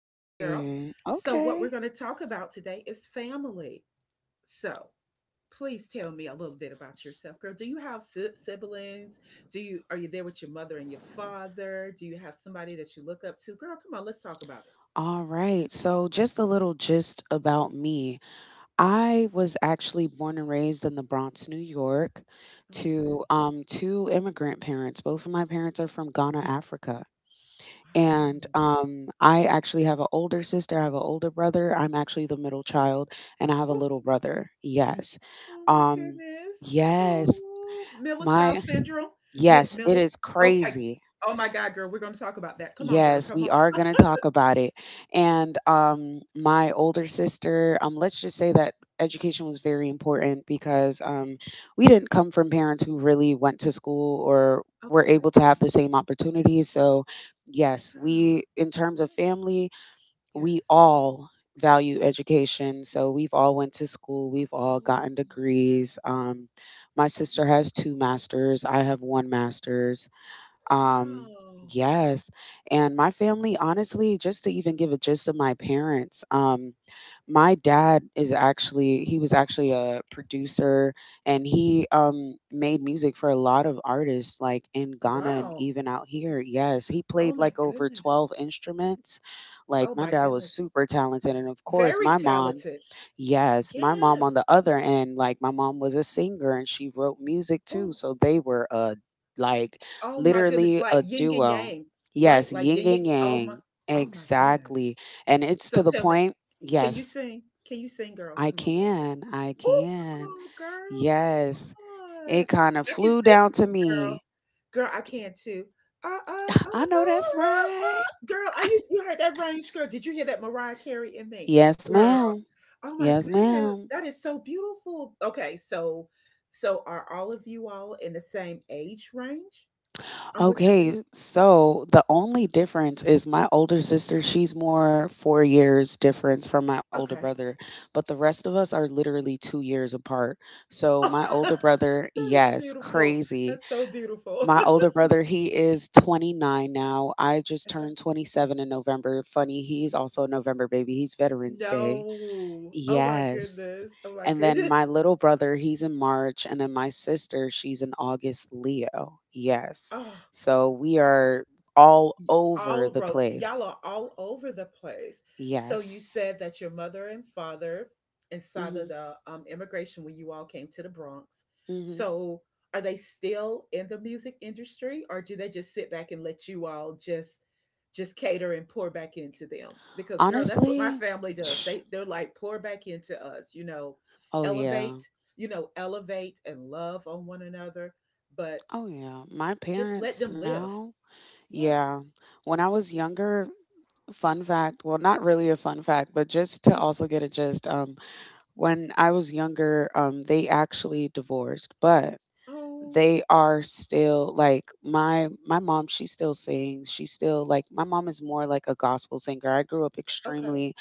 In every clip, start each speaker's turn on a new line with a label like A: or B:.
A: Come on, girl. What we're
B: okay.
A: going to talk about today is family. So, Please tell me a little bit about yourself, girl. Do you have siblings? Do you are you there with your mother and your father? Do you have somebody that you look up to? Girl, come on, let's talk about it.
B: All right. So, just a little gist about me. I was actually born and raised in the Bronx, New York,
A: All
B: to
A: right.
B: two immigrant parents. Both of my parents are from Ghana, Africa. And
A: Wow.
B: I actually have an older sister, I have an older brother. I'm actually the middle child, and I have a
A: Oh,
B: little brother. Yes.
A: oh my
B: Um,
A: goodness.
B: yes.
A: Oh, middle
B: My,
A: child syndrome.
B: yes, it
A: Middle.
B: is
A: Okay.
B: crazy.
A: Oh my God, girl. We're going to talk about that. Come on, girl.
B: Yes,
A: Come
B: we are
A: on.
B: going to talk about it. And my older sister, let's just say that education was very important because we didn't come from parents who really went to school or were able
A: Okay.
B: to have the same opportunities. So, yes,
A: Yeah.
B: we, in terms of family, we
A: Yes.
B: all value education. So we've all went to school. We've all
A: Oh,
B: gotten degrees. My sister has two masters. I have one master's um,
A: wow.
B: yes. And my family, honestly, just to even give a gist of my parents. My dad is actually, he was actually a producer and he made music for a lot of artists like in Ghana and
A: Wow.
B: even out here. Yes. He
A: Oh
B: played
A: my
B: like over
A: goodness.
B: 12 instruments. Like
A: Oh
B: my
A: my
B: dad was
A: goodness.
B: super talented. And of course,
A: Very
B: my mom,
A: talented.
B: yes, my mom on
A: Yes.
B: the other end, like my mom was a singer and she wrote music too,
A: Oh,
B: so they were a like
A: oh my goodness.
B: literally
A: Like
B: a
A: yin and
B: duo.
A: yang, right?
B: Yes,
A: Like
B: yin
A: yin
B: and
A: and oh my,
B: yang.
A: oh my goodness.
B: Exactly. And it's to
A: So
B: the
A: tell me,
B: point,
A: can you
B: yes,
A: sing? Can you sing, girl?
B: I
A: Come on, Rosa.
B: can. I
A: Oh,
B: can.
A: come on, girl,
B: Yes.
A: come
B: It
A: on.
B: kind of
A: I can
B: flew
A: sing,
B: down to
A: girl.
B: me.
A: Girl, I can too.
B: I know that's right.
A: Girl, I used you heard that range, girl. Did you hear that Mariah Carey and me?
B: Yes,
A: Girl,
B: ma'am.
A: oh my
B: Yes, ma'am.
A: goodness, that is so beautiful. Okay, so are all of you all in the same age range? I'm with your fam.
B: Okay, so the only difference is my older sister, she's more 4 years difference from my older
A: Okay.
B: brother, but the rest of us are literally 2 years apart. So my older
A: That
B: brother,
A: is
B: yes,
A: beautiful.
B: crazy.
A: That's so beautiful.
B: My older brother, he is 29 now. I just
A: Okay.
B: turned 27 in November. Funny, he's also a November baby. He's Veterans Day.
A: No. Oh my
B: Yes.
A: goodness. Oh my
B: And then my
A: goodness.
B: little brother, he's in March, and then my sister, she's in August Leo. Yes.
A: Oh.
B: So we are all
A: y-
B: over
A: all
B: the
A: wrote y'all
B: place.
A: are all over the place. So you
B: Yes.
A: said that your mother and father inside of
B: Mhm.
A: the immigration when you all came to the Bronx,
B: Mhm.
A: so are they still in the music industry or do they just sit back and let you all just cater and pour back into them? Because, girl, that's what my
B: Honestly,
A: family does. They're like, pour back into us, you know,
B: oh yeah.
A: elevate, you know, elevate and love on one another, but
B: Oh yeah. My
A: just let
B: parents
A: them live.
B: now.
A: Yes.
B: Yeah. When I was younger, fun fact, well not really a fun fact, but just to also get a gist. When I was younger, they actually divorced, but
A: Oh.
B: they are still like my mom, she still sings, she still like my mom is more like a gospel singer. I grew up
A: Okay.
B: extremely,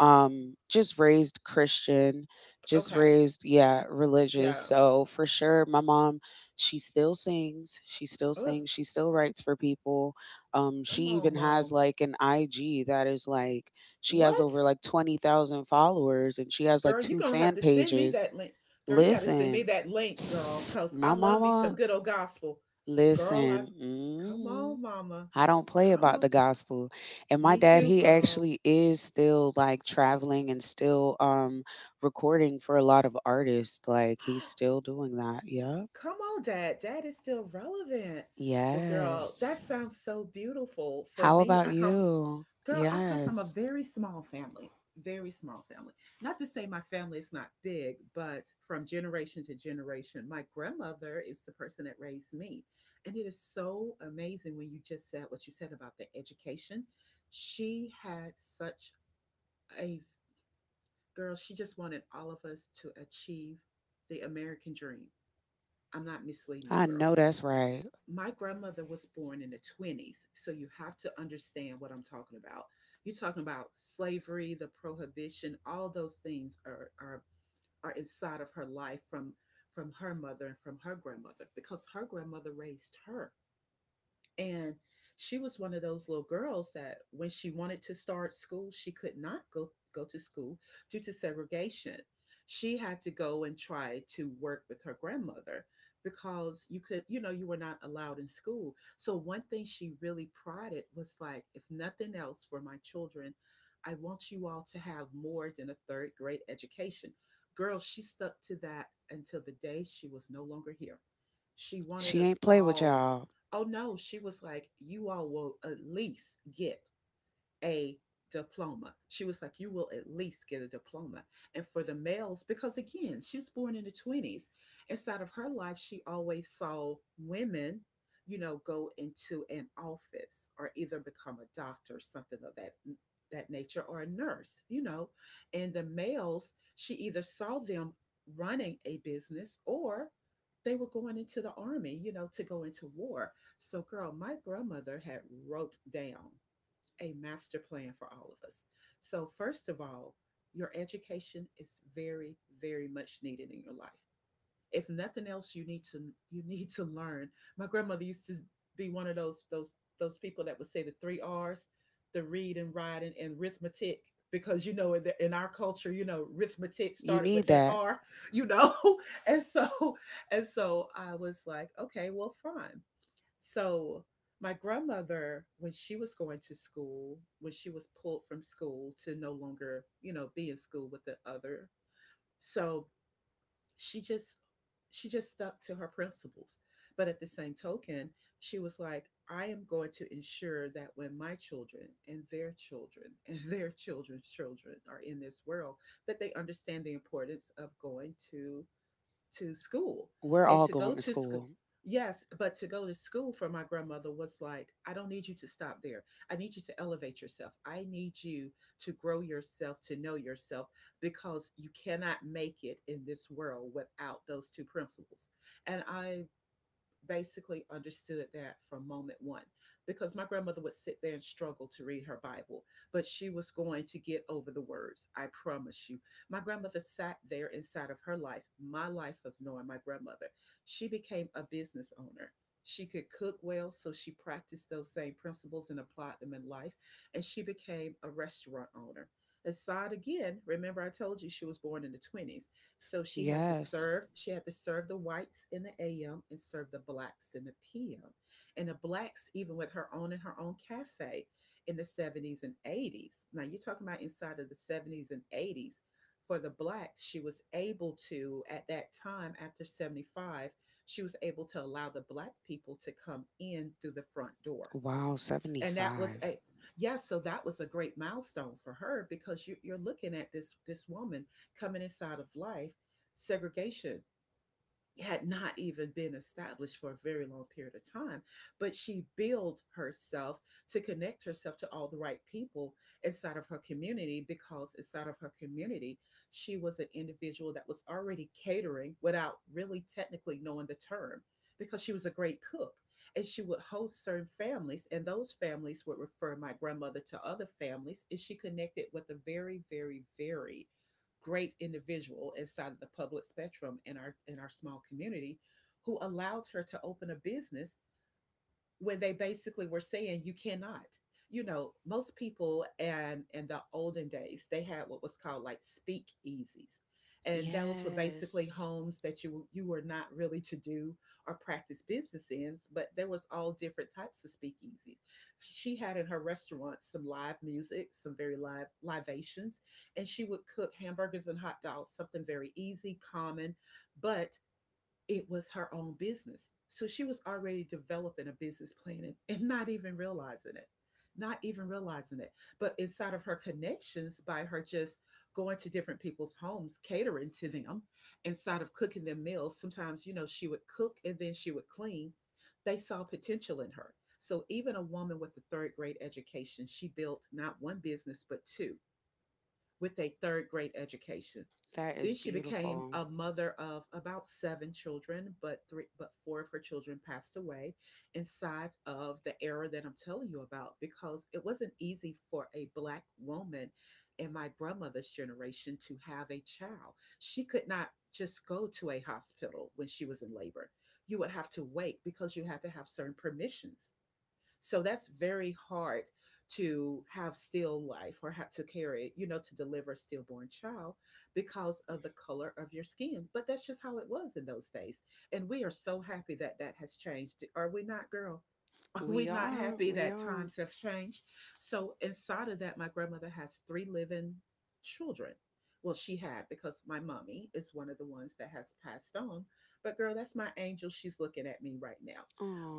B: just raised Christian, just
A: Okay.
B: raised, yeah, religious.
A: Yeah.
B: So for sure my mom, she still sings, she still
A: Ugh.
B: sings, she still writes for people. She
A: Come on,
B: even has
A: mom.
B: like an IG that is like she has
A: What?
B: over like 20,000 followers and she has like
A: Girl, you're
B: two
A: gonna have
B: fan
A: to send me
B: pages.
A: that link. Girl, you gotta send me
B: Listen.
A: that link, girl, cause I
B: My
A: love me some
B: mama.
A: good old gospel. Girl, I
B: Listen,
A: come
B: mhm.
A: on, mama.
B: I don't play
A: Come
B: about the
A: on.
B: gospel. And my
A: Me
B: dad,
A: too,
B: he
A: girl.
B: actually is still like traveling and still recording for a lot of artists. Like he's still doing that. Yeah.
A: Come on, dad. Dad is still relevant. Well, girl,
B: Yes.
A: that sounds so beautiful. For
B: How
A: me,
B: about
A: I come
B: you?
A: girl, I come from a
B: Yes.
A: very small family, very small family. Not to say my family is not big, but from generation to generation, my grandmother is the person that raised me. And it is so amazing when you just said what you said about the education. She had such a, girl, she just wanted all of us to achieve the American dream. I'm not misleading you,
B: I
A: girl.
B: know that's right.
A: My grandmother was born in the 20s, so you have to understand what I'm talking about. You're talking about slavery, the prohibition, all those things are inside of her life from her mother and from her grandmother, because her grandmother raised her. And she was one of those little girls that when she wanted to start school, she could not go to school due to segregation. She had to go and try to work with her grandmother, because you could, you know, you were not allowed in school. So, one thing she really prided was like, if nothing else for my children, I want you all to have more than a third grade education. Girl, she stuck to that until the day she was no longer here. She wanted
B: She ain't
A: us
B: play with
A: all.
B: y'all.
A: Oh no, she was like, you all will at least get a diploma. She was like, you will at least get a diploma. And for the males, because again, she was born in the 20s, inside of her life, she always saw women, you know, go into an office or either become a doctor, something of that nature or a nurse, you know. And the males, she either saw them running a business or they were going into the army, you know, to go into war. So, girl, my grandmother had wrote down a master plan for all of us. So, first of all, your education is very, very much needed in your life. If nothing else, you need to learn. My grandmother used to be one of those people that would say the three Rs, the read and write and arithmetic, because you know in, the, in our culture, you know, arithmetic
B: You
A: started with
B: need
A: that
B: that.
A: R, you know, and so, and so I was like, okay, well, fine. So my grandmother, when she was going to school, when she was pulled from school to no longer, you know, be in school with the other, so she just she just stuck to her principles. But at the same token, she was like, I am going to ensure that when my children and their children and their children's children are in this world, that they understand the importance of going to school
B: We're
A: and
B: all
A: to go
B: going to
A: to school.
B: school.
A: Yes, but to go to school for my grandmother was like, I don't need you to stop there. I need you to elevate yourself, I need you to grow yourself, to know yourself, because you cannot make it in this world without those two principles. And I basically understood that from moment one, because my grandmother would sit there and struggle to read her Bible, but she was going to get over the words. I promise you. My grandmother sat there inside of her life, my life of knowing my grandmother. She became a business owner. She could cook well, so she practiced those same principles and applied them in life, and she became a restaurant owner. Aside, again, remember I told you she was born in the 20s. So she had to
B: Yes.
A: serve, she had to serve the whites in the AM and serve the blacks in the PM. And the blacks, even with her own, in her own cafe in the 70s and 80s. Now you're talking about inside of the 70s and 80s. For the blacks, she was able to, at that time after 75, she was able to allow the black people to come in through the front door,
B: Wow,
A: and that was
B: 75.
A: a, yeah, so that was a great milestone for her, because you, you're looking at this woman coming inside of life. Segregation had not even been established for a very long period of time, but she built herself to connect herself to all the right people inside of her community, because inside of her community, she was an individual that was already catering without really technically knowing the term, because she was a great cook, and she would host certain families, and those families would refer my grandmother to other families, and she connected with a very, very, very great individual inside of the public spectrum in our, in our small community, who allowed her to open a business when they basically were saying you cannot, you know. Most people, and in the olden days, they had what was called like speakeasies, and those were basically
B: Yes.
A: homes that you were not really to do or practice business in, but there was all different types of speakeasies. She had in her restaurant some live music, some very live libations, and she would cook hamburgers and hot dogs, something very easy, common, but it was her own business. So she was already developing a business plan and, not even realizing it, not even realizing it. But inside of her connections, by her just going to different people's homes, catering to them, inside of cooking their meals, sometimes, you know, she would cook and then she would clean. They saw potential in her. So even a woman with a third grade education, she built not one business, but two, with a third grade education.
B: That
A: Then
B: is
A: she became
B: beautiful.
A: a mother of about 7 children, but three, but four of her children passed away inside of the era that I'm telling you about, because it wasn't easy for a black woman in my grandmother's generation to have a child. She could not just go to a hospital when she was in labor. You would have to wait because you had to have certain permissions, so that's very hard, to have still life or have to carry, you know, to deliver a stillborn child because of the color of your skin. But that's just how it was in those days. And we are so happy that that has changed. Are we not, girl?
B: We
A: We're not
B: are.
A: happy
B: We
A: that
B: are.
A: times have changed. So, inside of that, my grandmother has 3 living children. Well, she had because my mommy is one of the ones that has passed on. But, girl, that's my angel. She's looking at me right now.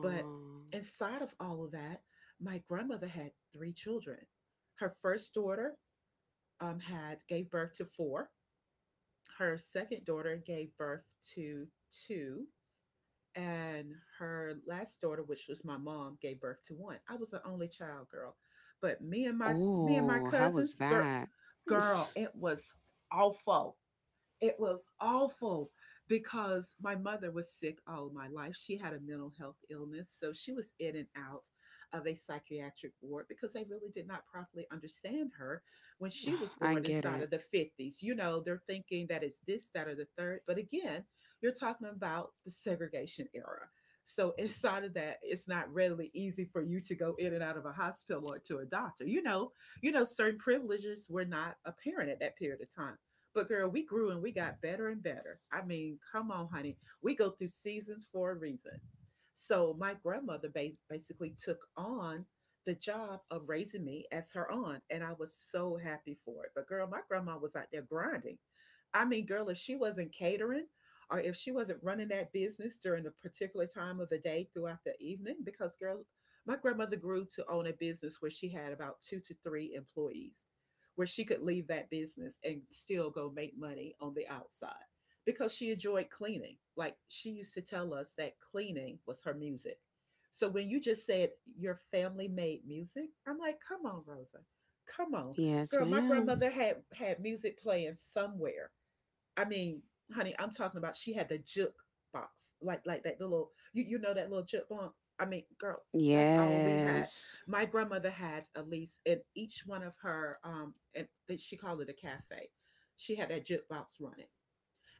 A: But inside of all of that, my grandmother had three children. Her first daughter had gave birth to four. Her second daughter gave birth to two and her last daughter, which was my mom, gave birth to one. I was an only child girl, but me and my
B: Oh, how was
A: cousins, girl,
B: that?
A: girl, it was awful. It was awful because my mother was sick all my life. She had a mental health illness, so she was in and out of a psychiatric ward because they really did not properly understand her when she was
B: I
A: born
B: get
A: inside of
B: it.
A: the 50s. You know, they're thinking that it's this, that, or the third. But again, you're talking about the segregation era. So inside of that, it's not readily easy for you to go in and out of a hospital or to a doctor. Certain privileges were not apparent at that period of time. But girl, we grew and we got better and better. I mean, come on, honey. We go through seasons for a reason. So my grandmother basically took on the job of raising me as her aunt, and I was so happy for it. But girl, my grandma was out there grinding. I mean, girl, if she wasn't catering or if she wasn't running that business during a particular time of the day throughout the evening, because girl, my grandmother grew to own a business where she had about two to three employees where she could leave that business and still go make money on the outside because she enjoyed cleaning. Like she used to tell us that cleaning was her music. So when you just said your family made music, I'm like, come on, Rosa, come on,
B: Yes,
A: girl. My
B: ma'am.
A: grandmother had had music playing somewhere. I mean, honey, I'm talking about she had the juke box, like that little you know that little juke box. I mean, girl, that's all we had.
B: Yes.
A: My grandmother had at least in each one of her and they, she called it a cafe. She had that jukebox running.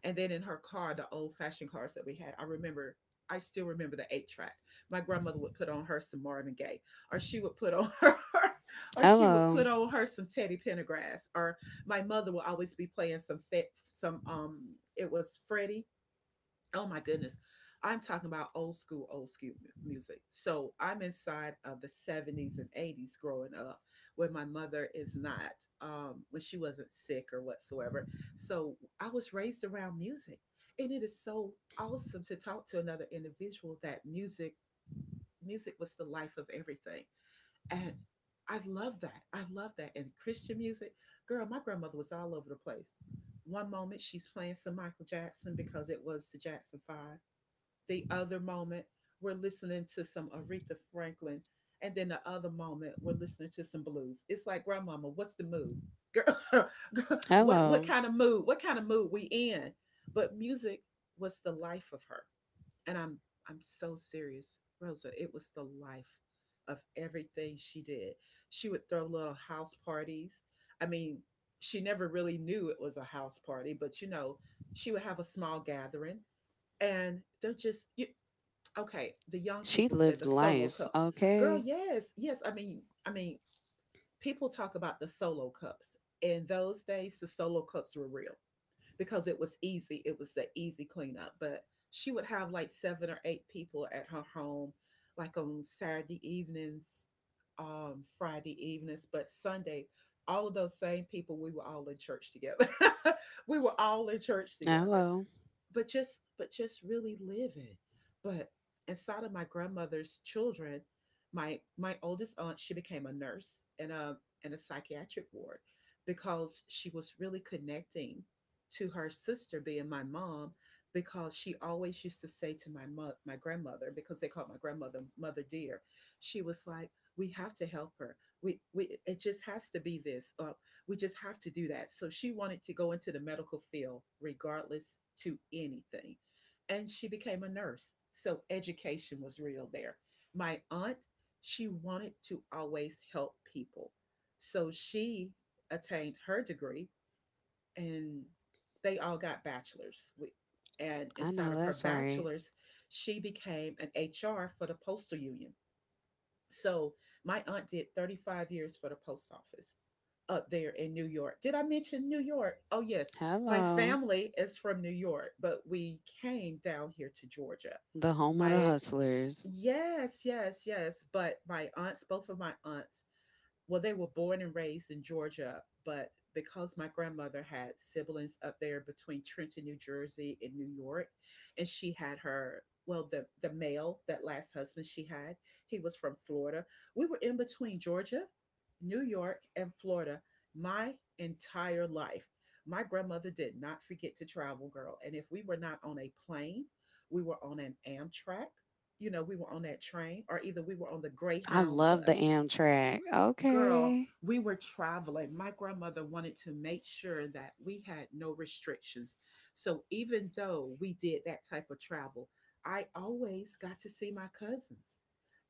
A: And then in her car, the old fashioned cars that we had, I remember, I still remember the eight track. My grandmother would put on her some Marvin Gaye, or she would put on her, or she would put
B: Hello.
A: on her some Teddy Pendergrass, or my mother would always be playing some, it was Freddie. Oh my goodness. I'm talking about old school music. So I'm inside of the 70s and 80s growing up, where my mother is not, when she wasn't sick or whatsoever. So I was raised around music. And it is so awesome to talk to another individual that music was the life of everything. And I love that. I love that. And Christian music, girl, my grandmother was all over the place. One moment she's playing some Michael Jackson because it was the Jackson 5, the other moment, we're listening to some Aretha Franklin. And then the other moment, we're listening to some blues. It's like, grandmama, what's the mood? Girl, what
B: Hello.
A: kind of mood? What kind of mood we in? But music was the life of her. And I'm so serious, Rosa. It was the life of everything she did. She would throw little house parties. I mean, she never really knew it was a house party, but you know, she would have a small gathering and they're just you. Okay, the young
B: She
A: people said the
B: lived
A: solo
B: life.
A: cup. Girl,
B: Okay.
A: yes, yes. I mean, people talk about the solo cups. In those days, the solo cups were real because it was easy. It was the easy cleanup. But she would have like seven or eight people at her home, like on Saturday evenings, Friday evenings, but Sunday, all of those same people, we were all in church together. We were all in church together,
B: Hello.
A: but just really living. But inside of my grandmother's children, my oldest aunt, she became a nurse in a psychiatric ward because she was really connecting to her sister being my mom, because she always used to say to my my grandmother, because they called my grandmother mother dear, she was like, we have to help her, we it just has to be this, we just have to do that. So she wanted to go into the medical field, regardless to anything. And she became a nurse. So education was real there. My aunt, she wanted to always help people. So she attained her degree and they all got bachelors. And
B: I know
A: inside of her
B: that's right.
A: bachelor's, she became an HR for the postal union. So my aunt did 35 years for the post office up there in New York. Did I mention New York? Oh, yes. My
B: Hello.
A: family is from New York, but we came down here to Georgia.
B: The home of the
A: My,
B: hustlers.
A: yes, yes, yes. But my aunts, both of my aunts, well, they were born and raised in Georgia, but because my grandmother had siblings up there between Trenton, New Jersey, and New York, and she had her, well, the male, that last husband she had, he was from Florida. We were in between Georgia, New York, and Florida my entire life. My grandmother did not forget to travel, girl, and if we were not on a plane, we were on an Amtrak. You know, we were on that train, or either we were on the
B: I
A: Greyhound
B: love the
A: bus.
B: Amtrak.
A: Girl,
B: Okay.
A: we were traveling. My grandmother wanted to make sure that we had no restrictions. So even though we did that type of travel, I always got to see my cousins.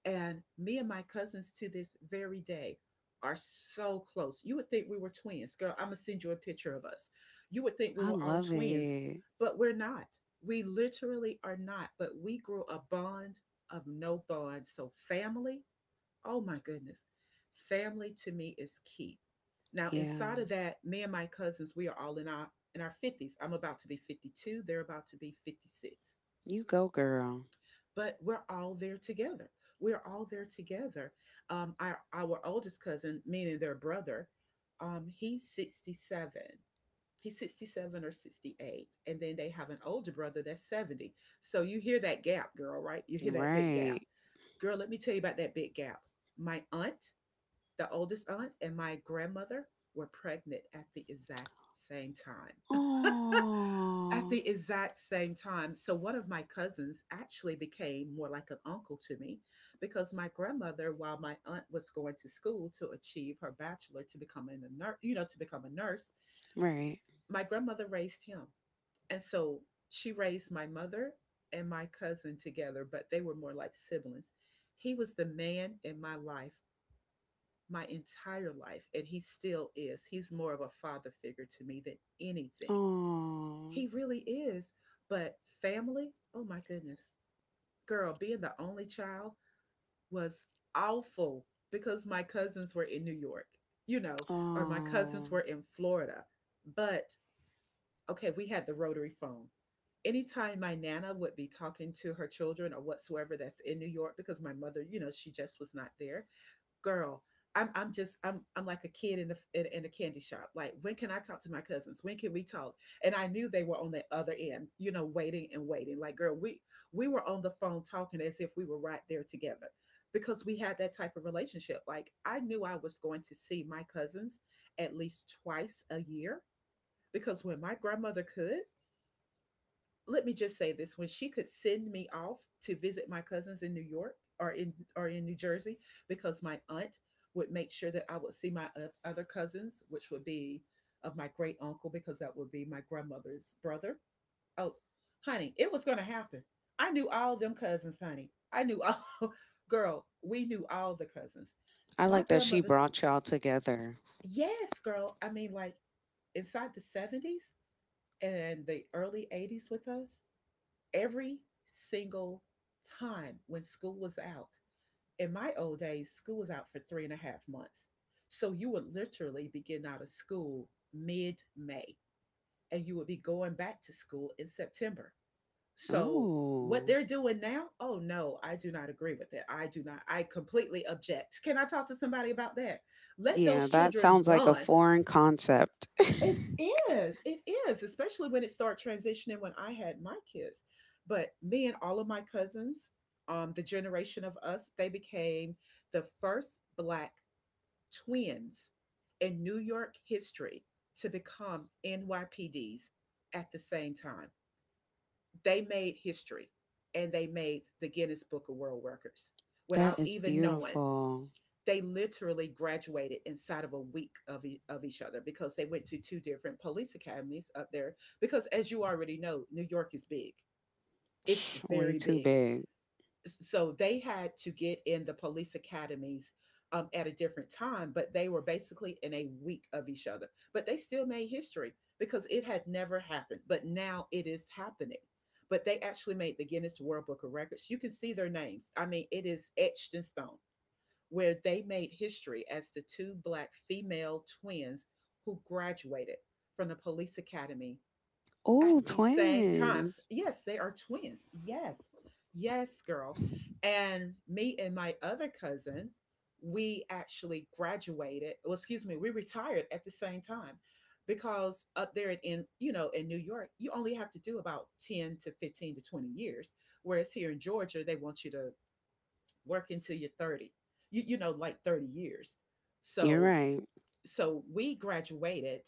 A: And me and my cousins to this very day are so close. You would think we were twins. Girl, I'm going to send you a picture of us. You would think we
B: I
A: were all
B: love
A: twins,
B: it.
A: but we're not. We literally are not, but we grew a bond of no bond. So, family, oh my goodness. Family to me is key. Now,
B: Yeah.
A: inside of that, me and my cousins, we are all in our 50s. I'm about to be 52, they're about to be 56.
B: You go, girl.
A: But we're all there together. We're all there together. Our oldest cousin, meaning their brother, he's 67. He's 67 or 68. And then they have an older brother that's 70. So you hear that gap, girl, right? You hear that big gap.
B: Right.
A: Girl, let me tell you about that big gap. My aunt, the oldest aunt and my grandmother were pregnant at the exact same time. At
B: Oh,
A: the exact same time. So one of my cousins actually became more like an uncle to me because my grandmother, while my aunt was going to school to achieve her bachelor to become a nurse, you know, to become a nurse,
B: right.
A: my grandmother raised him. And so she raised my mother and my cousin together, but they were more like siblings. He was the man in my life my entire life, and he still is. He's more of a father figure to me than anything.
B: Oh.
A: He really is. But family, oh my goodness. Girl, being the only child was awful because my cousins were in New York, you know, or my
B: Oh.
A: cousins were in Florida. But okay, we had the rotary phone. Anytime my nana would be talking to her children or whatsoever that's in New York, because my mother, you know, she just was not there, girl, I'm just I'm like a kid in a candy shop. Like, when can I talk to my cousins? When can we talk? And I knew they were on the other end, you know, waiting and waiting. Like, girl, we were on the phone talking as if we were right there together, because we had that type of relationship. Like, I knew I was going to see my cousins at least twice a year, because when my grandmother could, let me just say this, when she could send me off to visit my cousins in New York or in New Jersey, because my aunt would make sure that I would see my other cousins, which would be of my great uncle, because that would be my grandmother's brother. Oh honey, it was going to happen. I knew all them cousins, honey. I knew all girl, we knew all the cousins,
B: I
A: my
B: like that she
A: grandmother's,
B: brought y'all together.
A: yes, girl. I mean, like, inside the 70s and the early 80s with us, every single time when school was out. In my old days, school was out for three and a half months. So you would literally be getting out of school mid May, and you would be going back to school in September. So what
B: Ooh.
A: they're doing now, oh no, I do not agree with it. I do not, I completely object. Can I talk to somebody about that? Let
B: Yeah,
A: those
B: that
A: children
B: sounds like a
A: run
B: foreign concept.
A: it is. It is, especially when it started transitioning when I had my kids. But me and all of my cousins, the generation of us, they became the first black twins in New York history to become NYPDs at the same time. They made history, and they made the Guinness Book of World Records
B: That
A: without
B: is
A: even knowing
B: beautiful.
A: they literally graduated inside of a week of, of each other because they went to two different police academies up there. Because as you already know, New York is big, it's
B: Psh, way
A: very
B: too
A: big.
B: big.
A: So they had to get in the police academies at a different time, but they were basically in a week of each other. But they still made history because it had never happened, but now it is happening. But they actually made the Guinness World Book of Records. You can see their names. I mean, it is etched in stone where they made history as the two black female twins who graduated from the police academy
B: Oh,
A: at the same times.
B: twins.
A: Yes, they are twins. Yes. Yes, girl. And me and my other cousin, we actually graduated, well, excuse me, we retired at the same time because up there in, you know, in New York, you only have to do about 10 to 15 to 20 years, whereas here in Georgia, they want you to work until you're 30, you know like 30 years,
B: You're
A: so
B: right.
A: so we graduated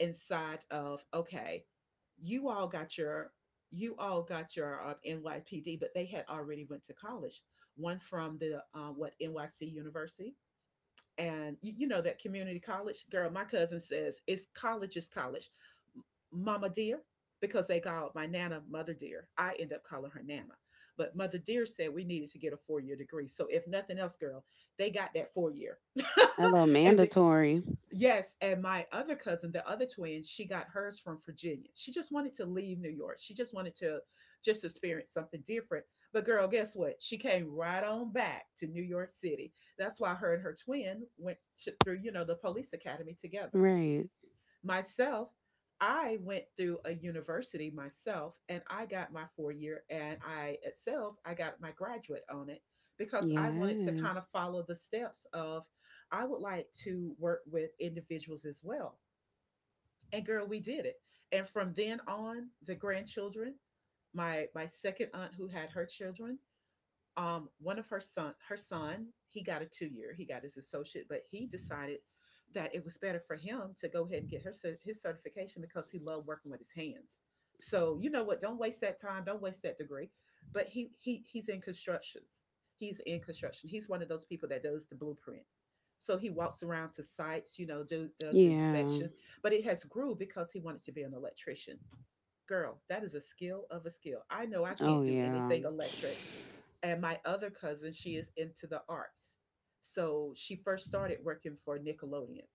A: inside of okay, you all got your you all got your nypd, but they had already went to college, one from the what nyc university. And you know that community college, girl, my cousin says it's college is college. Mama dear, because they called my nana mother dear, I end up calling her nana, but mother dear said we needed to get a four-year degree, so if nothing else, girl, they got that four-year.
B: Hello,
A: And then
B: mandatory.
A: yes, and my other cousin, the other twin, she got hers from Virginia. She just wanted to leave New York. She just wanted to just experience something different. But girl, guess what? She came right on back to New York City. That's why her and her twin went to, through, you know, the police academy together.
B: Right.
A: Myself, I went through a university myself, and I got my 4 year, and I at sales I got my graduate on it because I wanted to kind
B: Yes.
A: of follow the steps of I would like to work with individuals as well. And girl, we did it. And from then on, the grandchildren, my second aunt who had her children, one of her son, he got a 2 year. He got his associate, but he decided that it was better for him to go ahead and get his certification because he loved working with his hands. So you know what? Don't waste that time. Don't waste that degree. But he he's in constructions. He's in construction. He's one of those people that does the blueprint. So he walks around to sites, you know, does
B: Yeah.
A: inspections. But it has grew because he wanted to be an electrician. Girl, that is a skill of a skill. I know I
B: Oh,
A: can't do
B: yeah.
A: anything electric. And my other cousin, she is into the arts. So she first started working for Nickelodeon,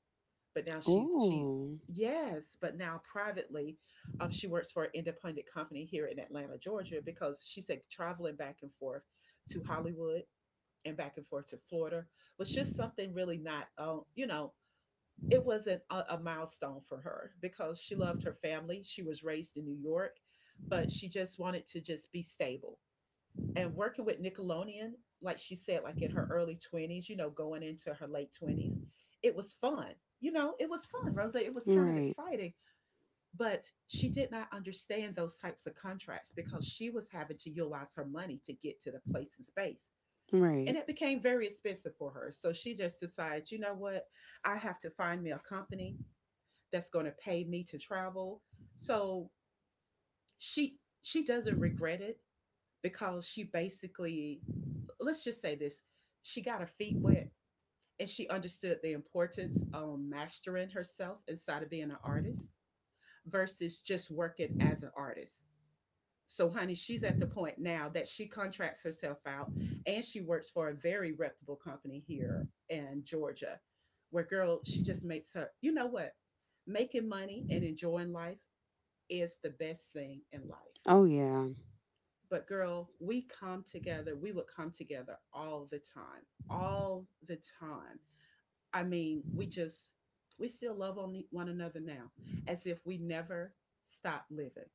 A: but now she's she
B: Oh,
A: yes, but now privately, she works for an independent company here in Atlanta, Georgia, because she said traveling back and forth to Hollywood and back and forth to Florida was just something really not you know, it wasn't a milestone for her because she loved her family. She was raised in New York, but she just wanted to just be stable. And working with Nickelodeon, like she said, like in her early 20s, you know, going into her late 20s, it was fun. You know, it was fun, Rose. It was kind of
B: right.
A: exciting, but she did not understand those types of contracts because she was having to utilize her money to get to the place and space.
B: Right.
A: And it became very expensive for her. So she just decides, you know what? I have to find me a company that's going to pay me to travel. So she she doesn't regret it because she basically, let's just say this, she got her feet wet and she understood the importance of mastering herself inside of being an artist versus just working as an artist. So, honey, she's at the point now that she contracts herself out and she works for a very reputable company here in Georgia, where girl, she just makes her, you know what? Making money and enjoying life is the best thing in life.
B: Oh, yeah.
A: But girl, we come together. We would come together all the time, all the time. I mean, we just, we still love on one another now as if we never stopped living.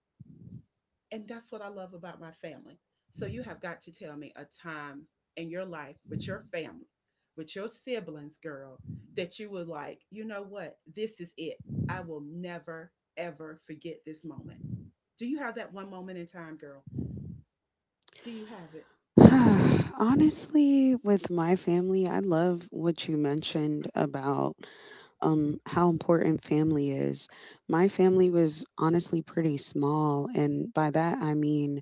A: And that's what I love about my family. So you have got to tell me a time in your life with your family, with your siblings, girl, that you were like, you know what? This is it. I will never, ever forget this moment. Do you have that one moment in time, girl? Do you have it?
B: Honestly, with my family, I love what you mentioned about how important family is. My family was honestly pretty small, and by that I mean,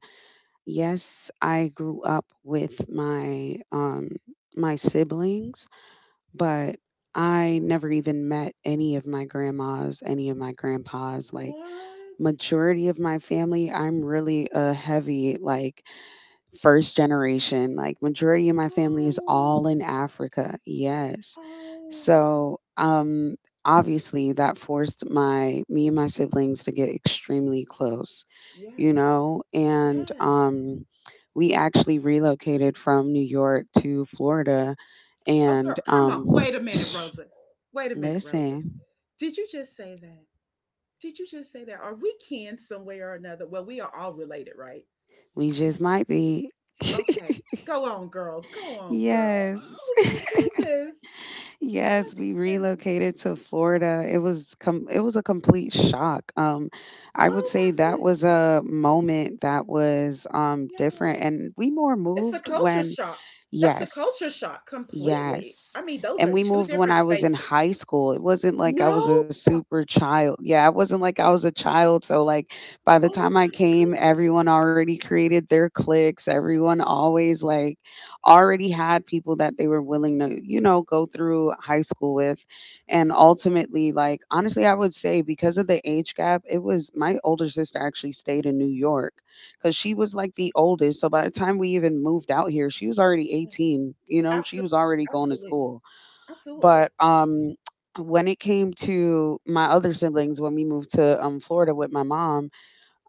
B: yes, I grew up with my my siblings, but I
A: Huh?
B: never even met any of my grandmas, any of my grandpas. Like
A: What?
B: majority of my family, I'm really a heavy like first generation, like majority of my family is all
A: Oh,
B: in Africa. Yes.
A: oh,
B: So, obviously that forced my me and my siblings to get extremely close, you
A: yes,
B: know, and
A: yes.
B: um we actually relocated from New York to Florida
A: Oh, girl,
B: and
A: come on.
B: um
A: Wait a minute, Rosa. Wait a minute, Rosa.
B: listen,
A: Did you just say that? Did you just say that? Are we kin some way or another? Well, we are all related, right?
B: we just might be
A: Okay. Go on, girl. Go on, girl.
B: yes.
A: Oh my goodness. Oh my
B: Yes, we
A: goodness.
B: relocated to Florida. It was a complete shock. I would
A: Oh my
B: say that was
A: goodness.
B: a moment that was different,
A: Yeah.
B: and we more
A: It's a
B: moved
A: culture
B: when
A: shock. That's a culture
B: yes.
A: shock completely.
B: Yes.
A: I mean, those
B: And
A: are
B: we
A: two
B: moved when
A: different
B: I was in
A: spaces.
B: high school. It wasn't like I
A: No.
B: was a
A: Oh
B: super child. Yeah, it wasn't like I was a child. So like by the time I
A: my
B: came,
A: goodness.
B: everyone already created their cliques. Everyone always like already had people that they were willing to, you know, go through high school with. And ultimately, like honestly, I would say because of the age gap, it was my older sister actually stayed in New York because she was like
A: Okay.
B: the oldest. So by the time we even moved out here, she was already
A: Yeah.
B: 18. You know, she
A: Absolutely,
B: was already going to
A: absolutely,
B: school. But
A: absolutely.
B: um, when it came to my other siblings, when we moved to Florida with my mom,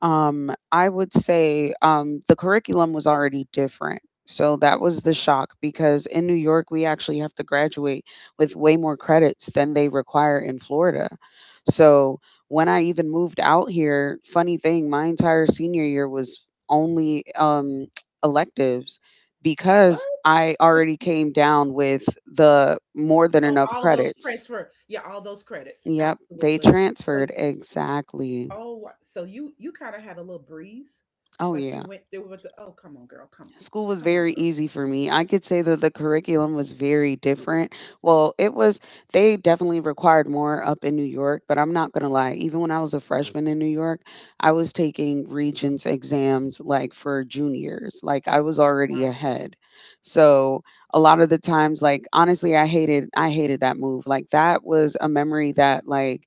B: I would say the curriculum was already different. So that was the
A: Okay.
B: shock because in New York, we actually have to graduate with way more credits than they require in Florida. So when I even moved out here, funny thing, my entire senior year was only electives because
A: What?
B: I already came down with the more than
A: Oh,
B: enough
A: all those
B: credits.
A: transfer yeah, all those credits.
B: Yep, they
A: Absolutely. So
B: transferred exactly.
A: oh, so you kinda had a little breeze?
B: Oh,
A: Like you
B: yeah.
A: went through with the, "Oh, come on, girl. Come on.
B: School was
A: Come on,
B: very
A: girl."
B: easy for me. I could say that the curriculum was very different. Well, it was, they definitely required more up in New York, but I'm not going to lie. Even when I was a freshman in New York, I was taking Regents exams like for juniors. Like I was already
A: Wow.
B: ahead. So a lot of the times, like honestly, I hated that move. Like that was a memory that, like,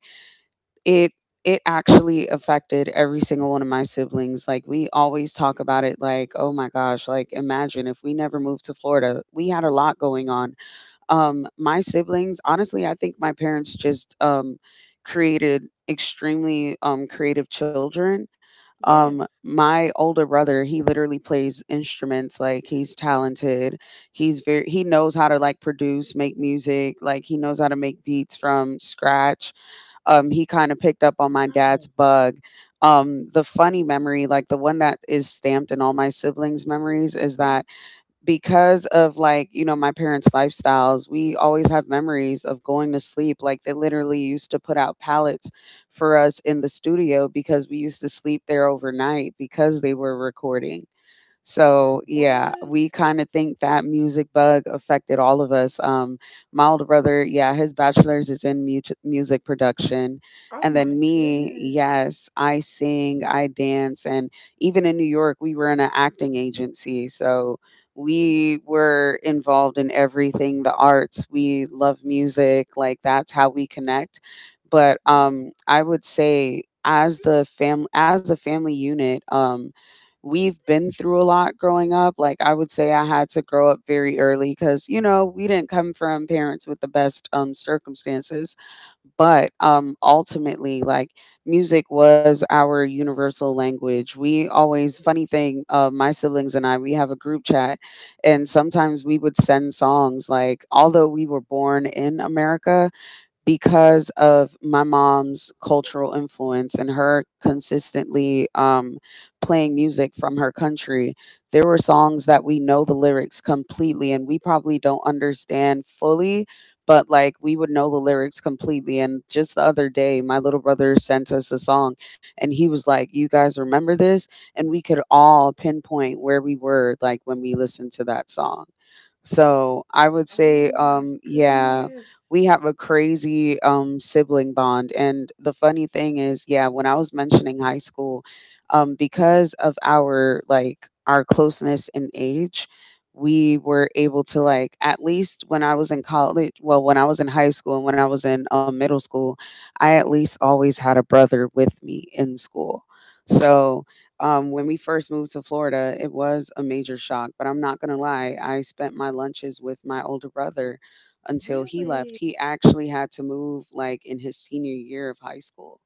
B: it it actually affected every single one of my siblings. Like we always talk about it like, oh my gosh, like imagine if we never moved to Florida. We had a lot going on. My siblings, honestly, I think my parents just created extremely creative children.
A: Yes.
B: My older brother, he literally plays instruments like he's talented. He knows how to like produce, make music, like he knows how to make beats from scratch. He kind of picked up on my dad's
A: Wow.
B: bug. The funny memory, like the one that is stamped in all my siblings' memories, is
A: Uh-huh.
B: that because of like, you know, my parents' lifestyles, we always have memories of going to sleep. Like they literally used to put out pallets for us in the studio because we used to sleep there overnight because they were recording. So, yeah,
A: What?
B: we kind of think that music bug affected all of us. My older brother, yeah, his bachelor's is in music production.
A: Oh
B: And then
A: my
B: me,
A: goodness.
B: yes, I sing, I dance. And even in New York, we were in an acting agency. So we were involved in everything the arts. We love music. Like, that's how we connect. But
A: Mhm.
B: um, I would say, as the fam as a family unit, we've been through a lot growing up. Like I would say I had to grow up very early cuz you know, we didn't come from parents with the best circumstances, but ultimately like music was our universal language. We always funny thing, my siblings and I, we have a group chat and sometimes we would send songs like although we were born in America, because of my mom's cultural influence and her consistently playing music from her country, there were songs that we know the lyrics completely and we probably don't understand fully, but like we
A: Mm.
B: would know the lyrics completely. And just the other day, my little brother sent us a song and he was like, "You guys remember this?" And we could all pinpoint where we were like when we listened to that song. So I would
A: Oh
B: say,
A: my
B: yeah,
A: goodness.
B: we have a crazy sibling bond. And the funny thing is, yeah, when I was mentioning high school, because of our like our closeness in age, we were able to like at least when I was in college, well, when I was in high school and when I was in middle school, I at least always had a brother with me in school. So when we first moved to Florida, it was a major shock. But I'm not going to lie, I spent my lunches with my older brother until he left.
A: Really?
B: He actually had to move like in his senior year of high school.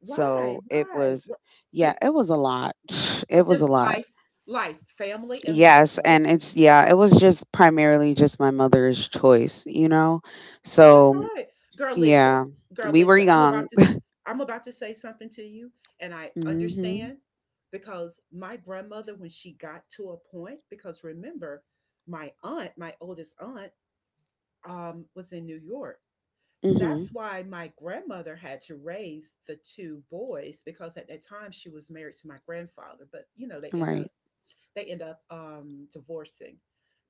A: Why?
B: So it
A: Why?
B: was,
A: What
B: yeah,
A: did
B: it was a lot. It
A: or
B: was a
A: just
B: lot.
A: life life, family and life,
B: Yes.
A: right?
B: And yeah, it was just primarily just my mother's choice, you know?
A: Oh, that's all
B: So,
A: right. Girl, listen.
B: yeah,
A: Girl,
B: we were
A: listen.
B: young.
A: I'm about to say something to you, and I
B: hmm.
A: understand because my grandmother, when she got to a point, because remember, my aunt, my oldest aunt, was in New York. That's
B: hmm.
A: why my grandmother had to raise the two boys because at that time she was married to my grandfather, but you know,
B: Right.
A: they end up divorcing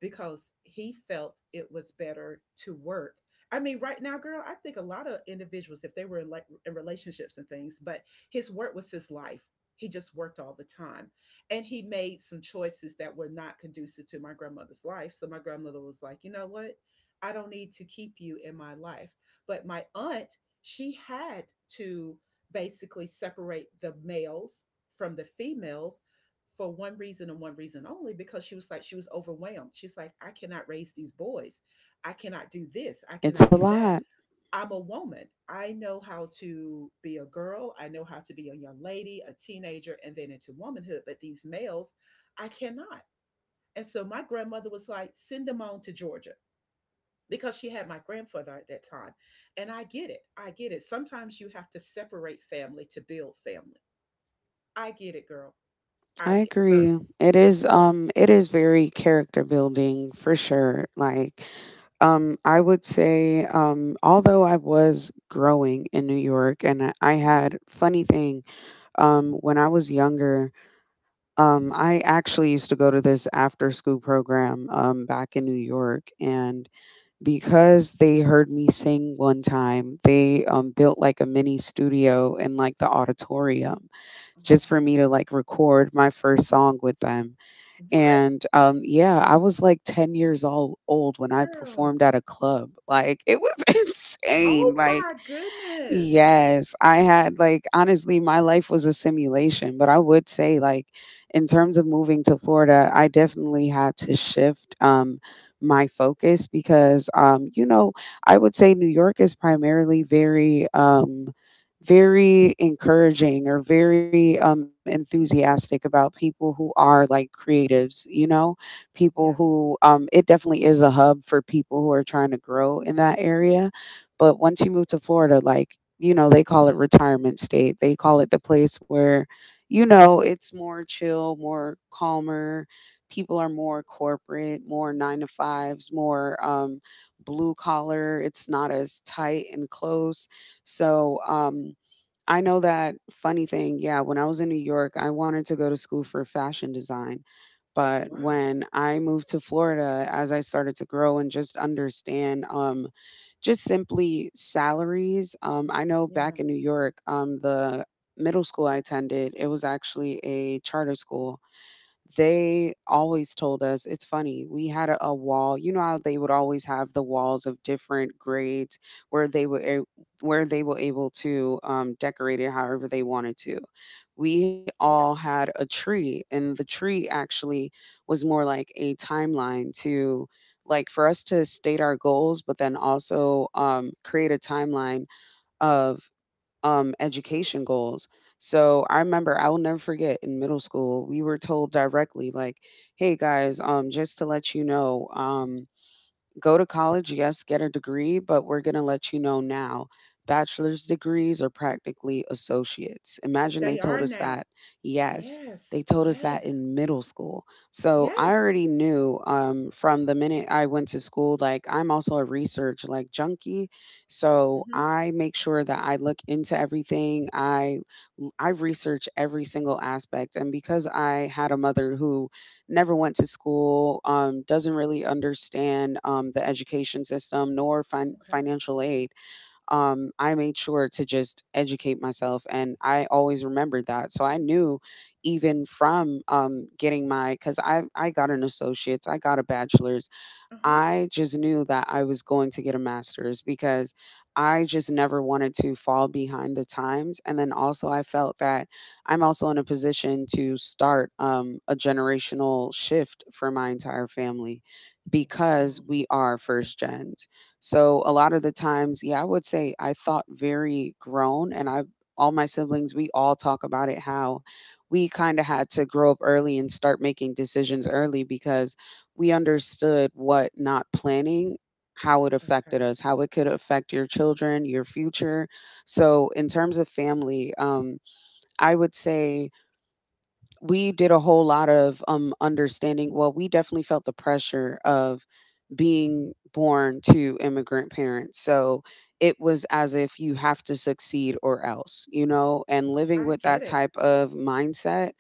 A: because he felt it was better to work. I mean, right now, girl, I think a lot of individuals, if they were in like in relationships and things, but his work was his life. He just worked all the time, and he made some choices that were not conducive to my grandmother's life. So my grandmother was like, you know what? I don't need to keep you in my life. But my aunt, she had to basically separate the males from the females for one reason and one reason only because she was like she was overwhelmed. She's like I cannot raise these boys. I cannot do this, I
B: It's a
A: cannot do that.
B: lot.
A: I'm a woman, I know how to be a girl, I know how to be a young lady, a teenager, and then into womanhood, but these males I cannot. And so my grandmother was like send them on to Georgia because she had my grandfather at that time. And I get it, I get it, sometimes you have to separate family to build family. I get it, girl. I
B: I
A: get girl,
B: agree.
A: girl.
B: It is very character building for sure. Like I would say although I was growing in New York and I
A: Mm-hmm.
B: had funny thing when I was younger, I actually used to go to this after school program back in New York. And because they heard me sing one time, they built like a mini studio in like the auditorium
A: Oh, wow.
B: just for me to like record my first song with them.
A: What,
B: And, yeah, I was, like, 10 years all old when I
A: girl?
B: performed at a club, like, it was insane,
A: Oh
B: like,
A: my goodness.
B: yes, I had like honestly, my life was a simulation. But I would say, like, in terms of moving to Florida, I definitely had to shift my focus because you know, I would say New York is primarily very very encouraging or very enthusiastic about people who are like creatives, you know, people
A: Yes.
B: who it definitely is a hub for people who are trying to grow in that area. But once you move to Florida, like, you know, they call it retirement state. They call it the place where, you know, it's more chill, more calmer. People are more corporate, more nine to fives, more blue collar. It's not as tight and close. So I know that funny thing. Yeah, when I was in New York, I wanted to go to school for fashion design. But
A: Wow.
B: when I moved to Florida, as I started to grow and just understand, just simply salaries. I know
A: Yeah.
B: back in New York, the middle school I attended, it was actually a charter school. They always told us, it's funny, we had a wall, you know how they would always have the walls of different grades where where they were able to decorate it however they wanted to. We all
A: Yeah.
B: had a tree, and the tree actually was more like a timeline to like for us to state our goals, but then also create a timeline of education goals. So I remember I will never forget in middle school we were told directly like, "Hey guys, just to let you know, go to college, yes, get a degree, but we're going to let you know now. Bachelor's degrees are practically associates." Imagine they
A: They
B: told
A: are
B: us
A: now.
B: that. Yes, they
A: Yes.
B: told us that
A: Yes.
B: in middle school. So I
A: Yes.
B: already knew, from the minute I went to school, like I'm also a research like junkie. So
A: Hmm.
B: I make sure that I look into everything. I research every single aspect. And because I had a mother who never went to school, doesn't really understand the education system nor
A: Okay.
B: financial aid. I made sure to just educate myself, and I always remembered that. So I knew, even from getting my, because I got an associate's, I got a bachelor's,
A: Uh-huh.
B: I just knew that I was going to get a master's, because I just never wanted to fall behind the times. And then also, I felt that I'm also in a position to start a generational shift for my entire family, because
A: Wow.
B: we are first gens. So, a lot of the times, yeah, I would say I thought very grown, and I all my siblings, we all talk about it how we kind of had to grow up early and start making decisions early because we understood what not planning, how it affected
A: Okay.
B: us, how it could affect your children, your future. So, in terms of family, I would say we did a whole lot of understanding. Well, we definitely felt the pressure of being born to immigrant parents, so it was as if you have to succeed or else, you know. And living
A: I
B: with
A: get
B: that
A: it.
B: type of mindset,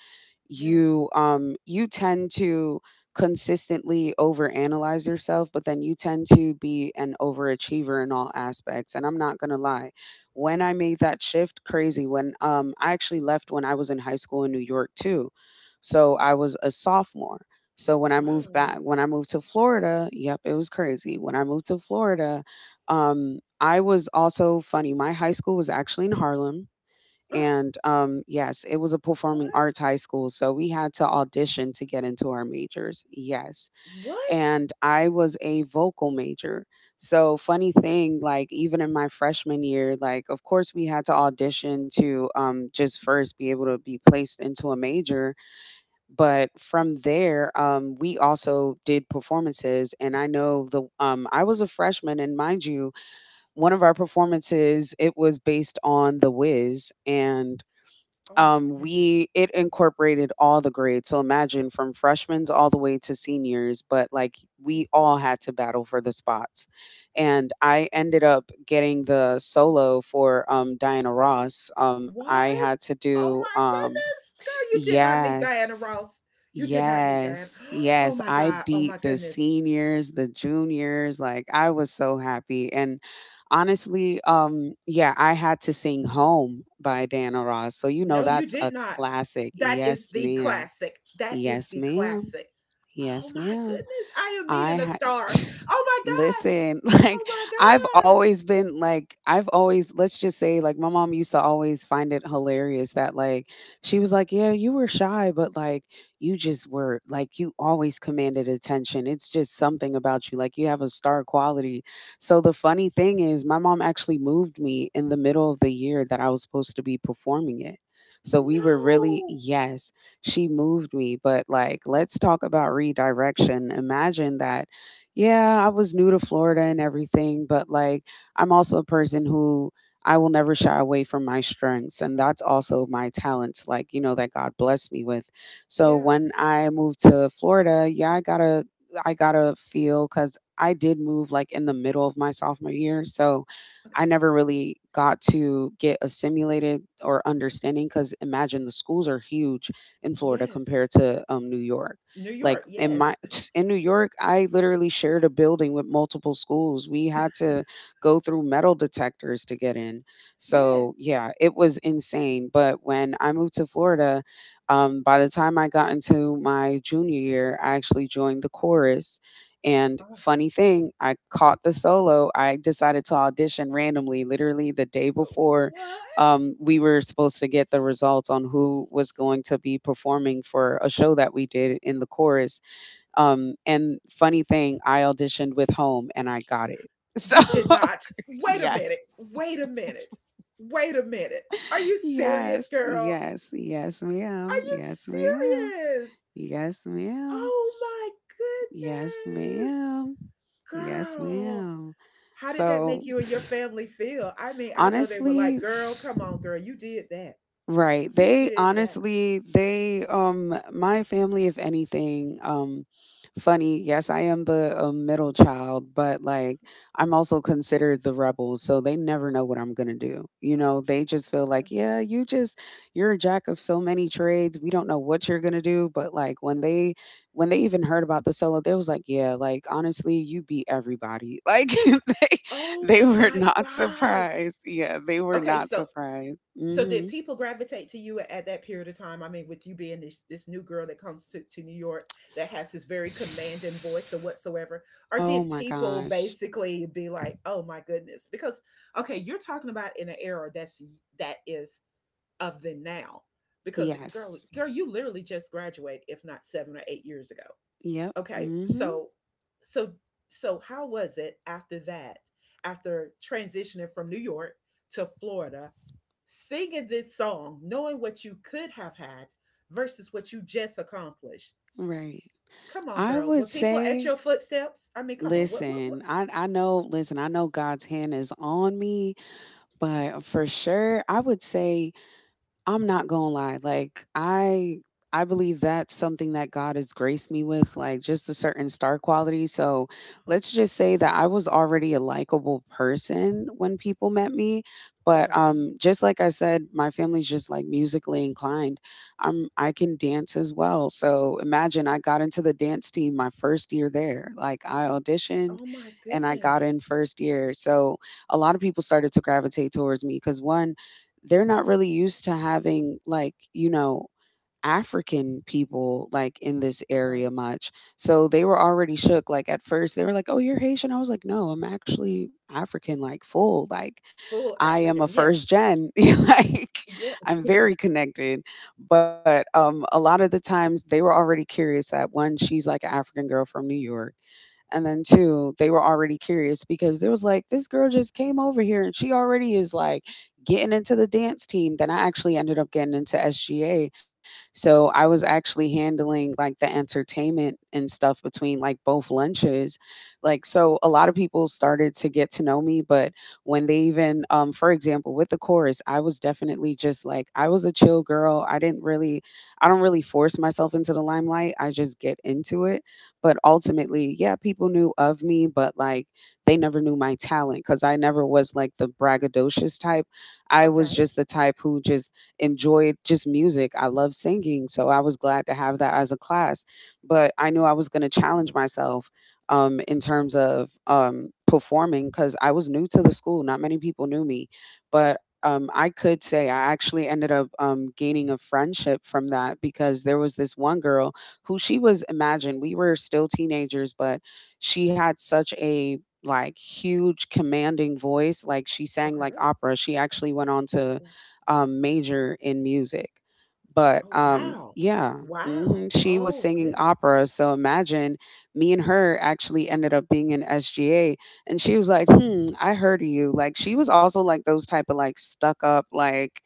A: Yes.
B: you you tend to consistently overanalyze yourself, but then you tend to be an overachiever in all aspects. And I'm not going to lie, when I made that shift, crazy, when I actually left when I was in high school in New York too. So I was a sophomore. So when I moved back,
A: Wow.
B: when I moved to Florida, yep, it was crazy. When I moved to Florida, I was also funny. My high school was actually in Harlem.
A: Oh,
B: And yes, it was a performing
A: what?
B: arts high school. So we had to audition to get into our majors. Yes.
A: What?
B: And I was a vocal major. So, funny thing, like, even in my freshman year, like, of course, we had to audition to just first be able to be placed into a major, but from there, we also did performances. And I know the I was a freshman, and mind you, one of our performances, it was based on The Wiz. And
A: Oh my
B: um,
A: goodness.
B: we it incorporated all the grades. So imagine from freshmen all the way to seniors, but like we all had to battle for the spots, and I ended up getting the solo for Diana Ross. I had
A: What?
B: to do
A: Oh my goodness. Girl, you did not meet
B: yes.
A: Diana Ross. You did not meet Diana.
B: Yes, yes.
A: Oh my
B: I
A: God. Oh
B: beat
A: my
B: the
A: goodness.
B: seniors, the juniors. Like I was so happy. And honestly, yeah, I had to sing Home by Diana Ross. So you know
A: No, you
B: that's
A: did
B: a
A: not.
B: classic.
A: That is
B: Yes,
A: the
B: ma'am.
A: classic. That is
B: Yes,
A: the
B: ma'am.
A: classic. Oh
B: Yes,
A: my
B: ma'am.
A: goodness. I am
B: I
A: meeting a
B: had
A: star. Oh my God.
B: listen,
A: Oh
B: like I've
A: my God.
B: always been like I've always, let's just say, like my mom used to always find it hilarious that like she was like, "Yeah, you were shy, but like you just were like you always commanded attention. It's just something about you. Like you have a star quality." So the funny thing is my mom actually moved me in the middle of the year that I was supposed to be performing it. So we were really
A: No.
B: yes she moved me. But like, let's talk about redirection. Imagine that, yeah, I was new to Florida and everything, but like, I'm also a person who I will never shy away from my strengths. And that's also my talents, like, you know, that God blessed me with. So
A: Yeah.
B: when I moved to Florida, yeah, I got to feel because I did move like in the middle of my sophomore year. So I
A: Okay.
B: never really got to get assimilated or understanding, because imagine the schools are huge in Florida
A: Yes.
B: compared to New York.
A: New
B: Like
A: York.
B: in my
A: Yes.
B: in New York, I literally shared a building with multiple schools. We had to go through metal detectors to get in. So
A: Yes.
B: yeah, it was insane. But when I moved to Florida, by the time I got into my junior year, I actually joined the chorus. And
A: Oh,
B: funny thing, I caught the solo. I decided to audition randomly, literally the day before
A: what?
B: we were supposed to get the results on who was going to be performing for a show that we did in the chorus. And funny thing, I auditioned with Home and I got it. So,
A: You did not. Wait a
B: yeah.
A: minute. Wait a minute. Wait a minute. Are you serious,
B: Yes,
A: girl?
B: yes, yes,
A: Are
B: ma'am.
A: you
B: Yes, ma'am.
A: serious?
B: Yes, ma'am.
A: Oh my
B: Yes,
A: goodness.
B: ma'am. Yes,
A: Girl.
B: ma'am.
A: How did that
B: So,
A: make you and your family feel? I mean, I know they were
B: honestly,
A: like, "Girl, come on, girl, you did that.
B: right.
A: You
B: They
A: did that."
B: honestly, they my family if anything funny, yes, I am the middle child, but like I'm also considered the rebel, so they never know what I'm going to do. You know, they just feel like,
A: Yes.
B: yeah, you just you're a jack of so many trades. We don't know what you're going to do, but like when they even heard about the solo, they was like, yeah, like honestly, you beat everybody. Like they
A: Oh
B: they were
A: my
B: not
A: gosh.
B: surprised. Yeah, they were
A: Okay,
B: not
A: so
B: surprised.
A: so did
B: Mhm.
A: people gravitate to you at that period of time? I mean, with you being this new girl that comes to New York that has this very commanding voice or whatsoever, or
B: Oh
A: did
B: my
A: people
B: gosh.
A: basically be like, "Oh my goodness," because okay, you're talking about in an era that is of the now, because girl
B: Yes.
A: girl you literally just graduated if not 7 or 8 years ago.
B: Yep.
A: Okay,
B: Mhm.
A: so so how was it after that, after transitioning from New York to Florida, singing this song knowing what you could have had versus what you just accomplished?
B: Right.
A: Come on,
B: I
A: girl,
B: would
A: were people at
B: say
A: your footsteps? I mean, come on, what?
B: listen, I know listen, I know God's hand is on me, but for sure I would say I'm not gonna lie. Like I believe that's something that God has graced me with, like just a certain star quality. So
A: Huh?
B: let's just say that I was already a likable person when people met me. But
A: Okay.
B: just like I said, my family's just like musically inclined. I can dance as well. So imagine I got into the dance team my first year there. Like I auditioned
A: Oh my
B: and I got
A: goodness.
B: in first year. So a lot of people started to gravitate towards me because one, they're not really used to having African people like in this
A: Okay,
B: area much. So they were already shook. Like at first they were like, "Oh, you're Haitian." I was like, "No, I'm actually African, like full." Like
A: full
B: I am a
A: African. Yes.
B: first gen. Like
A: Yeah.
B: I'm very connected. But a lot of the times they were already curious that one, she's like an African girl from New York. And then two, they were already curious because there was like this girl just came over here and she already is like getting into the dance team. Then I actually ended up getting into SGA, so I was actually handling like the entertainment and stuff between like both lunches. Like, so a lot of people started to get to know me, but when they even, for example, with the chorus, I was definitely just like, I was a chill girl. I didn't really, I don't really force myself into the limelight. I just get into it. But
A: Mm-hmm.
B: ultimately, yeah, people knew of me, but like they never knew my talent because I never was like the braggadocious type. I
A: Okay,
B: was
A: okay,
B: just the type who just enjoyed just music. I love singing, so I was glad to have that as a class. But I knew I was going to challenge myself in terms of performing because I was new to the school. Not many people knew me, but I could say I actually ended up gaining a friendship from that because there was this one girl who she was imagine we were still teenagers, but she had such a like huge commanding voice. Like she sang like opera. She actually went on to
A: okay.
B: major in music. But
A: Oh wow.
B: yeah,
A: Wow.
B: she was
A: Oh
B: singing
A: goodness.
B: opera. So imagine me and her actually ended up being in SGA. And she was like, "I heard of you." Like, she was also like those type of like stuck up, like,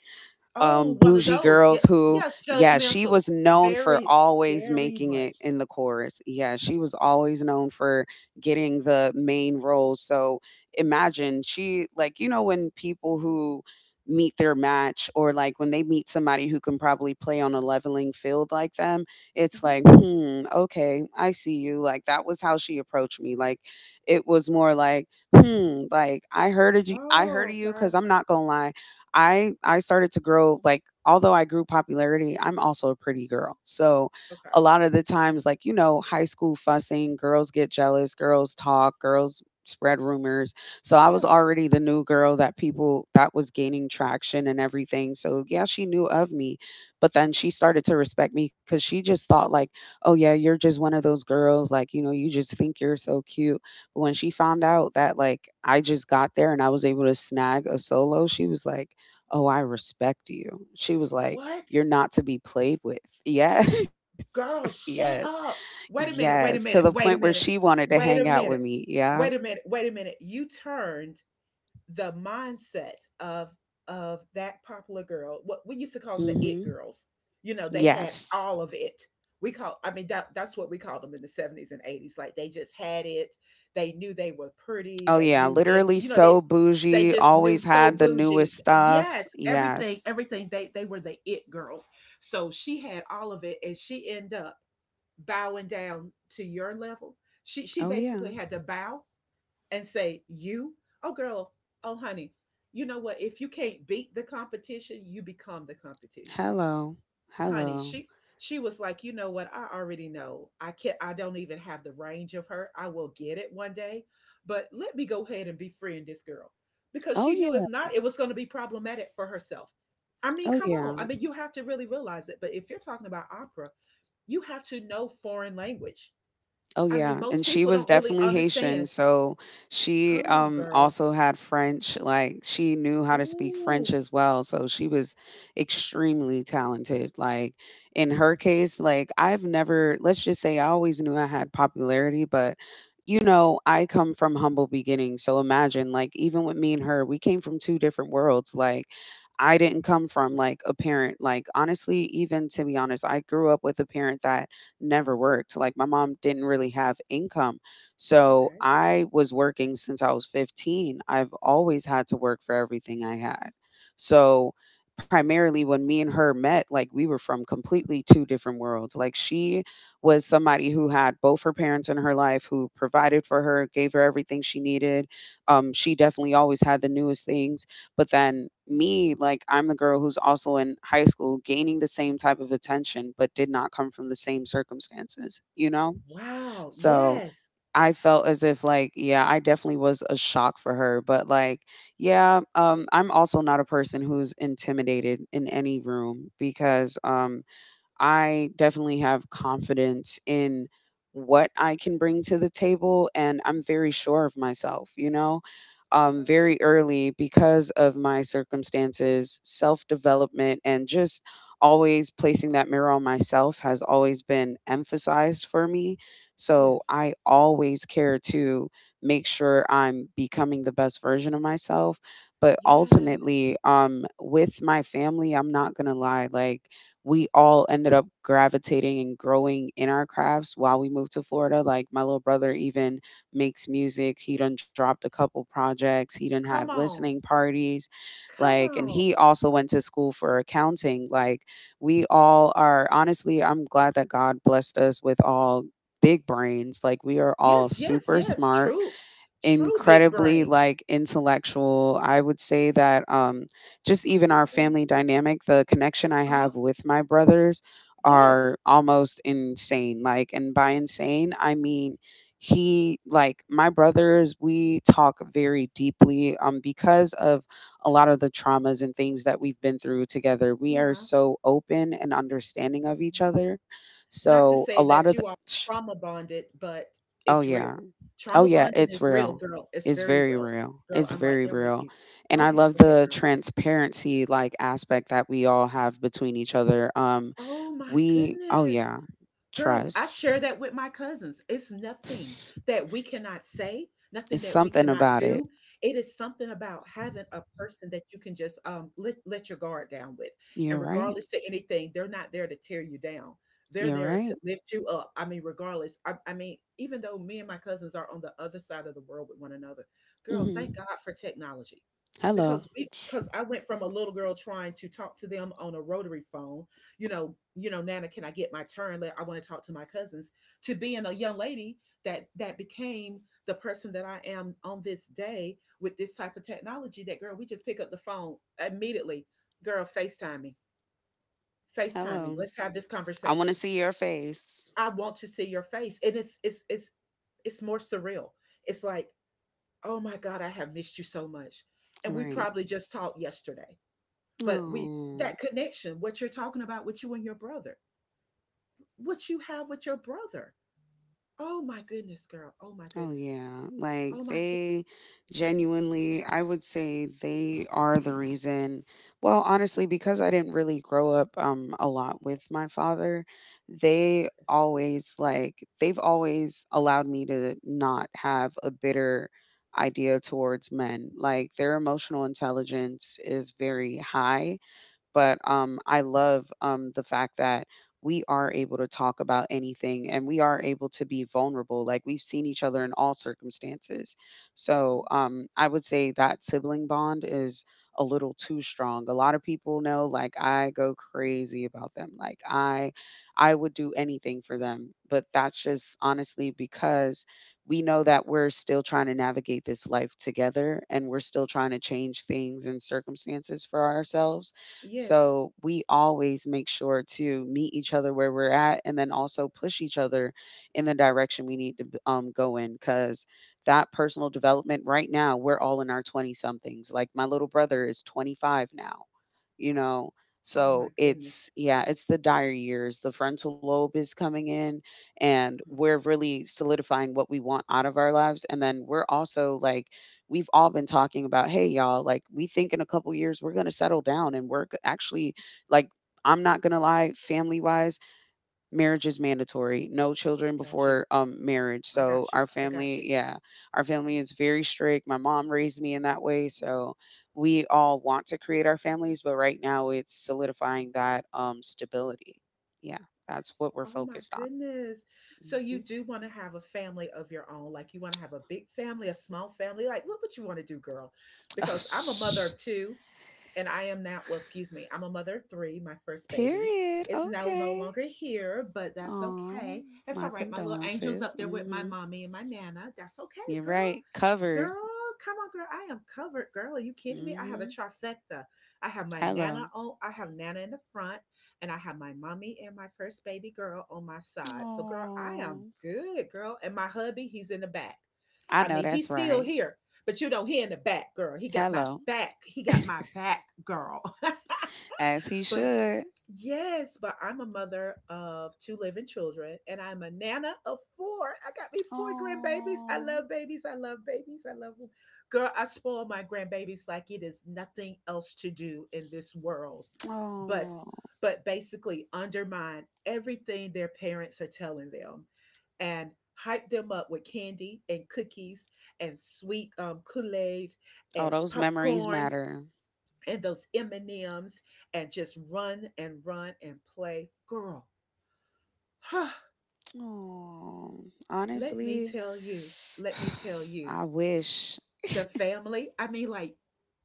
A: Oh, one of
B: bougie
A: those. Yeah.
B: girls who,
A: Yes,
B: yeah, she
A: judgmental.
B: was known for
A: Very,
B: always
A: very
B: making it
A: much.
B: in the chorus. Yeah, she was always known for getting the main roles. So imagine she, like, you know, when people who meet their match or like when they meet somebody who can probably play on a leveling field like them, it's
A: Hmm.
B: like, "Okay, I see you." Like, that was how she approached me. Like, it was more like, like, "I heard of
A: Oh,
B: you,"
A: okay.
B: because I'm not gonna lie. I started to grow like although I grew popularity, I'm also a pretty girl. So a
A: Okay.
B: lot of the times like you know, high school fussing, girls get jealous, girls talk, girls spread rumors. So I was
A: Yeah.
B: already the new girl that people that was gaining traction and everything. So yeah, she knew of me, but then she started to respect me cuz she just thought like, "Oh yeah, you're just one of those girls like, you know, you just think you're so cute." But when she found out that like I just got there and I was able to snag a solo, she was like, "Oh, I respect you." She was like,
A: What?
B: "You're not to be played with." Yes.
A: Girl,
B: Yes.
A: shut up. Wait a minute.
B: Yes.
A: Wait a
B: To the
A: minute.
B: point
A: Wait a
B: where
A: minute.
B: she wanted to
A: Wait
B: hang
A: a
B: out with
A: minute.
B: me.
A: Wait
B: Yeah.
A: a minute. Wait a minute. You turned the mindset of of that popular girl, what we used to call them, the it
B: Mhm.
A: girls. You know, they had
B: Yes.
A: all of it. We call i mean, that's what we called them in the 70s and 80s. Like they just had it. They knew they were pretty.
B: Oh
A: They
B: yeah,
A: knew it.
B: literally
A: you know they
B: so
A: they
B: bougie,
A: just knew,
B: always
A: so
B: had the
A: bougie.
B: newest stuff.
A: Yes, everything
B: Yes.
A: everything they were the it girls. So she had all of it and she ended up bowing down to your level. She
B: Oh yeah.
A: basically had to bow and say, "You, oh girl, oh honey, you know what? If you can't beat the competition, you become the competition."
B: Hello.
A: Honey,
B: Hello.
A: she was like, "You know what? I already know. I can't, I don't even have the range of her. I will get it one day. But let me go ahead and befriend this girl. Because
B: Oh
A: she
B: yeah.
A: knew if not, it was going to be problematic for herself." I mean,
B: Oh
A: come on.
B: yeah.
A: I mean, you have to really realize it. But if you're talking about opera, you have to know foreign language.
B: Oh
A: I mean,
B: yeah, and
A: most
B: she
A: people
B: was
A: don't really
B: definitely Haitian,
A: understand.
B: so she,
A: Come on, girl.
B: also had French. Like, she knew how to speak French
A: Ooh,
B: as well, so she was extremely talented. Like, in her case, like, I've never let's just say I always knew I had popularity, but, you know, I come from humble beginnings, so imagine, like, even with me and her, we came from 2 different worlds. Like, I didn't come from, like, a parent like, honestly, even to be honest, I grew up with a parent that never worked. Like my mom didn't really have income. So
A: okay.
B: I was working since I was 15. I've always had to work for everything I had. So primarily when me and her met, like we were from completely two different worlds. Like she was somebody who had both her parents in her life who provided for her, gave her everything she needed. She definitely always had the newest things. But then me, like, I'm the girl who's also in high school gaining the same type of attention, but did not come from the same circumstances, you know?
A: Wow,
B: So
A: yes.
B: I felt as if, like, yeah, I definitely was a shock for her. But, like, yeah, I'm also not a person who's intimidated in any room because I definitely have confidence in what I can bring to the table, and I'm very sure of myself, you know?
A: Uh-huh,
B: Very early because of my circumstances, self development, and just always placing that mirror on myself has always been emphasized for me. So
A: yes.
B: I always care to make sure I'm becoming the best version of myself. But
A: Yes.
B: ultimately, with my family, I'm not going to lie. Like, we all ended up gravitating and growing in our crafts while we moved to Florida. Like my little brother even makes music. He done dropped a couple projects. He done had
A: Come
B: listening
A: on.
B: parties.
A: Come
B: Like and
A: on.
B: he also went to school for accounting. Like we all are honestly, I'm glad that God blessed us with all big brains. Like we are all
A: Yes, yes,
B: super
A: yes.
B: smart,
A: True. True, big
B: incredibly,
A: brains.
B: like, intellectual. I would say that, just
A: Oh
B: even
A: my
B: our family
A: goodness.
B: dynamic, the connection I
A: Uh-huh.
B: have with my brothers are
A: Yes.
B: almost insane. Like, and by insane, I mean, my brothers, we talk very deeply, because of a lot of the traumas and things that we've been through together. We are
A: Yeah.
B: so open and understanding of each other.
A: Yeah. Not
B: So,
A: to
B: a
A: say
B: lot of
A: that
B: the
A: you are trauma bonded, but
B: Oh,
A: it's
B: yeah.
A: real.
B: Oh
A: Trauma
B: yeah,
A: bonding
B: it's
A: is real,
B: real.
A: girl. It's
B: It's
A: very
B: very
A: real.
B: real.
A: Girl,
B: It's
A: I'm right
B: very
A: there with
B: real.
A: you.
B: And
A: Go
B: I
A: ahead.
B: love
A: Go ahead,
B: the
A: girl.
B: transparency like aspect that we all have between each other.
A: Oh my
B: We oh yeah,
A: goodness. Girl, I
B: trust.
A: share that with my cousins. It's nothing
B: It's
A: that we cannot say,
B: it's
A: nothing that we
B: something
A: cannot
B: about it.
A: do. It is something about having a person that you can just let your guard down with.
B: You're
A: And
B: right.
A: regardless to anything, they're not there to tear you down. They're
B: You're
A: there
B: right.
A: to lift you up. I mean, regardless, I mean, even though me and my cousins are on the other side of the world with one another, girl, thank
B: Mhm.
A: God for technology.
B: Hello.
A: Because I went from a little girl trying to talk to them on a rotary phone, you know, Nana, can I get my turn? I want to talk to my cousins. To being a young lady that became the person that I am on this day with this type of technology. That girl, we just pick up the phone immediately. Girl, FaceTime me. FaceTime me.
B: Hello.
A: Let's have this
B: I want to
A: conversation.
B: see your face.
A: I want to see your face, and it's more surreal. It's like, oh my God, I have missed you so much, and we
B: Right.
A: probably just talked yesterday, but we
B: Oh.
A: that connection, what you're talking about with you and your brother, what you have with your brother. Oh my goodness, girl. Oh my
B: Oh
A: goodness.
B: yeah, like
A: Oh my goodness.
B: they genuinely, I would say they are the reason. Well, honestly, because I didn't really grow up a lot with my father, they've always allowed me to not have a bitter idea towards men. Like their emotional intelligence is very high, but I love the fact that we are able to talk about anything and we are able to be vulnerable. Like we've seen each other in all circumstances. So I would say that sibling bond is a little too strong. A lot of people know, like I go crazy about them. I would do anything for them. But that's just honestly because we know that we're still trying to navigate this life together and we're still trying to change things and circumstances for ourselves.
A: Yes.
B: So we always make sure to meet each other where we're at and then also push each other in the direction we need to go in because that personal development right now, we're all in our 20 somethings. Like my little brother is 25 now, you know?
A: Oh my
B: So
A: goodness.
B: it's, yeah, it's the dire years. The frontal lobe is coming in and
A: Mhm.
B: we're really solidifying what we want out of our lives. And then we're also like, we've all been talking about, hey, y'all, like we think in a couple years we're going to settle down and work. Actually, like I'm not going to lie, family wise, marriage is mandatory. No children
A: Got
B: before
A: you.
B: marriage.
A: I
B: So
A: got you.
B: our
A: I got you.
B: family, yeah, our family is very strict. My mom raised me in that way. So we all want to create our families, but right now it's solidifying that stability. Yeah, that's what we're
A: Oh my
B: focused on.
A: goodness. So you
B: hmm
A: do want to have a family of your own. Like you want to have a big family, a small family. Like what would you want to do, girl? Because I'm a mother of two, and I am now, well, excuse me, I'm a mother of three. My first baby
B: Period.
A: is now no
B: Okay.
A: longer here, but that's
B: Oh,
A: okay.
B: my
A: That's all right. My little
B: condolences.
A: angel's up there with my mommy and my nana. That's okay,
B: You're
A: girl.
B: right. Covered.
A: Girl, come on, girl. I am covered. Girl, are you kidding me? I
B: hmm
A: have a trifecta. I have my
B: Hello.
A: nana on, I have nana in the front, and I have my mommy and my first baby girl on my side. So, girl, I
B: Oh,
A: am good, girl. And my hubby, he's in the back.
B: I
A: I
B: know
A: mean,
B: that's
A: he's still
B: right.
A: here, but he in the back, girl. He got my
B: Hello.
A: back. He got my back, girl.
B: As he
A: But
B: should.
A: yes, but I'm a mother of two living children, and I'm a nana of four. I got me four grandbabies. I
B: Oh,
A: love babies. I love babies. I love them. Girl, I spoil my grandbabies like it is nothing else to do in this world, but
B: oh,
A: but basically undermine everything their parents are telling them, and hype them up with candy and cookies and sweet Kool-Aid
B: oh,
A: and
B: those memories
A: popcorns
B: matter.
A: and those M&Ms and M's, and just run and run and play. Girl, huh,
B: Oh,
A: let me
B: honestly,
A: tell you, let me tell you,
B: I wish.
A: the family, I mean, like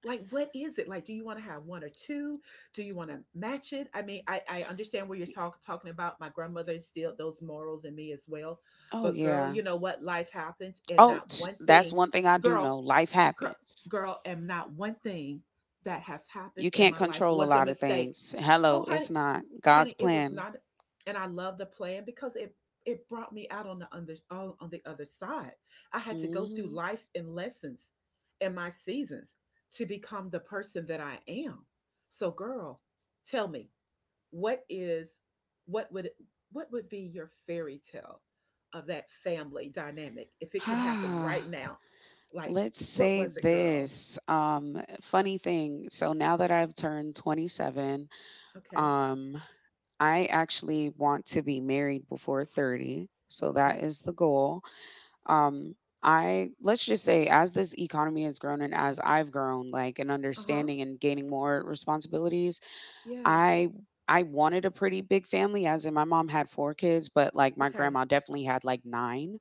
A: like what is it? Like do you want to have one or two? Do you want to match it? I mean, I understand what you're talking about. My grandmother instilled those morals in me as well.
B: Oh,
A: But girl,
B: yeah.
A: you know what? Life happens, and
B: Oh,
A: not one
B: that's
A: thing.
B: one thing I do
A: Girl,
B: know. Life
A: gir-
B: happens.
A: girl, and not one thing that has
B: You
A: happened in
B: can't
A: my life
B: control a
A: was a
B: lot of
A: mistake.
B: things. Hello,
A: Oh, honey,
B: it's not God's
A: honey, it was
B: plan.
A: not, and I love the plan because it brought me out on the under all on the other side. I had to go through
B: Mm.
A: life and lessons and my seasons to become the person that I am. So, girl, tell me, what is what would what would be your fairy tale of that family dynamic if it could happen
B: Ah,
A: right now? Like,
B: let's
A: what
B: say
A: was it, girl?
B: this. Funny thing. So now that I've turned 27,
A: Okay,
B: um, I actually want to be married before 30. So that
A: okay,
B: is the goal. Um, I let's just say as this economy has grown and as I've grown, like an
A: uh huh,
B: understanding and gaining more responsibilities,
A: yes,
B: I I wanted a pretty big family, as in my mom had four kids, but like my
A: okay.
B: grandma definitely had like nine.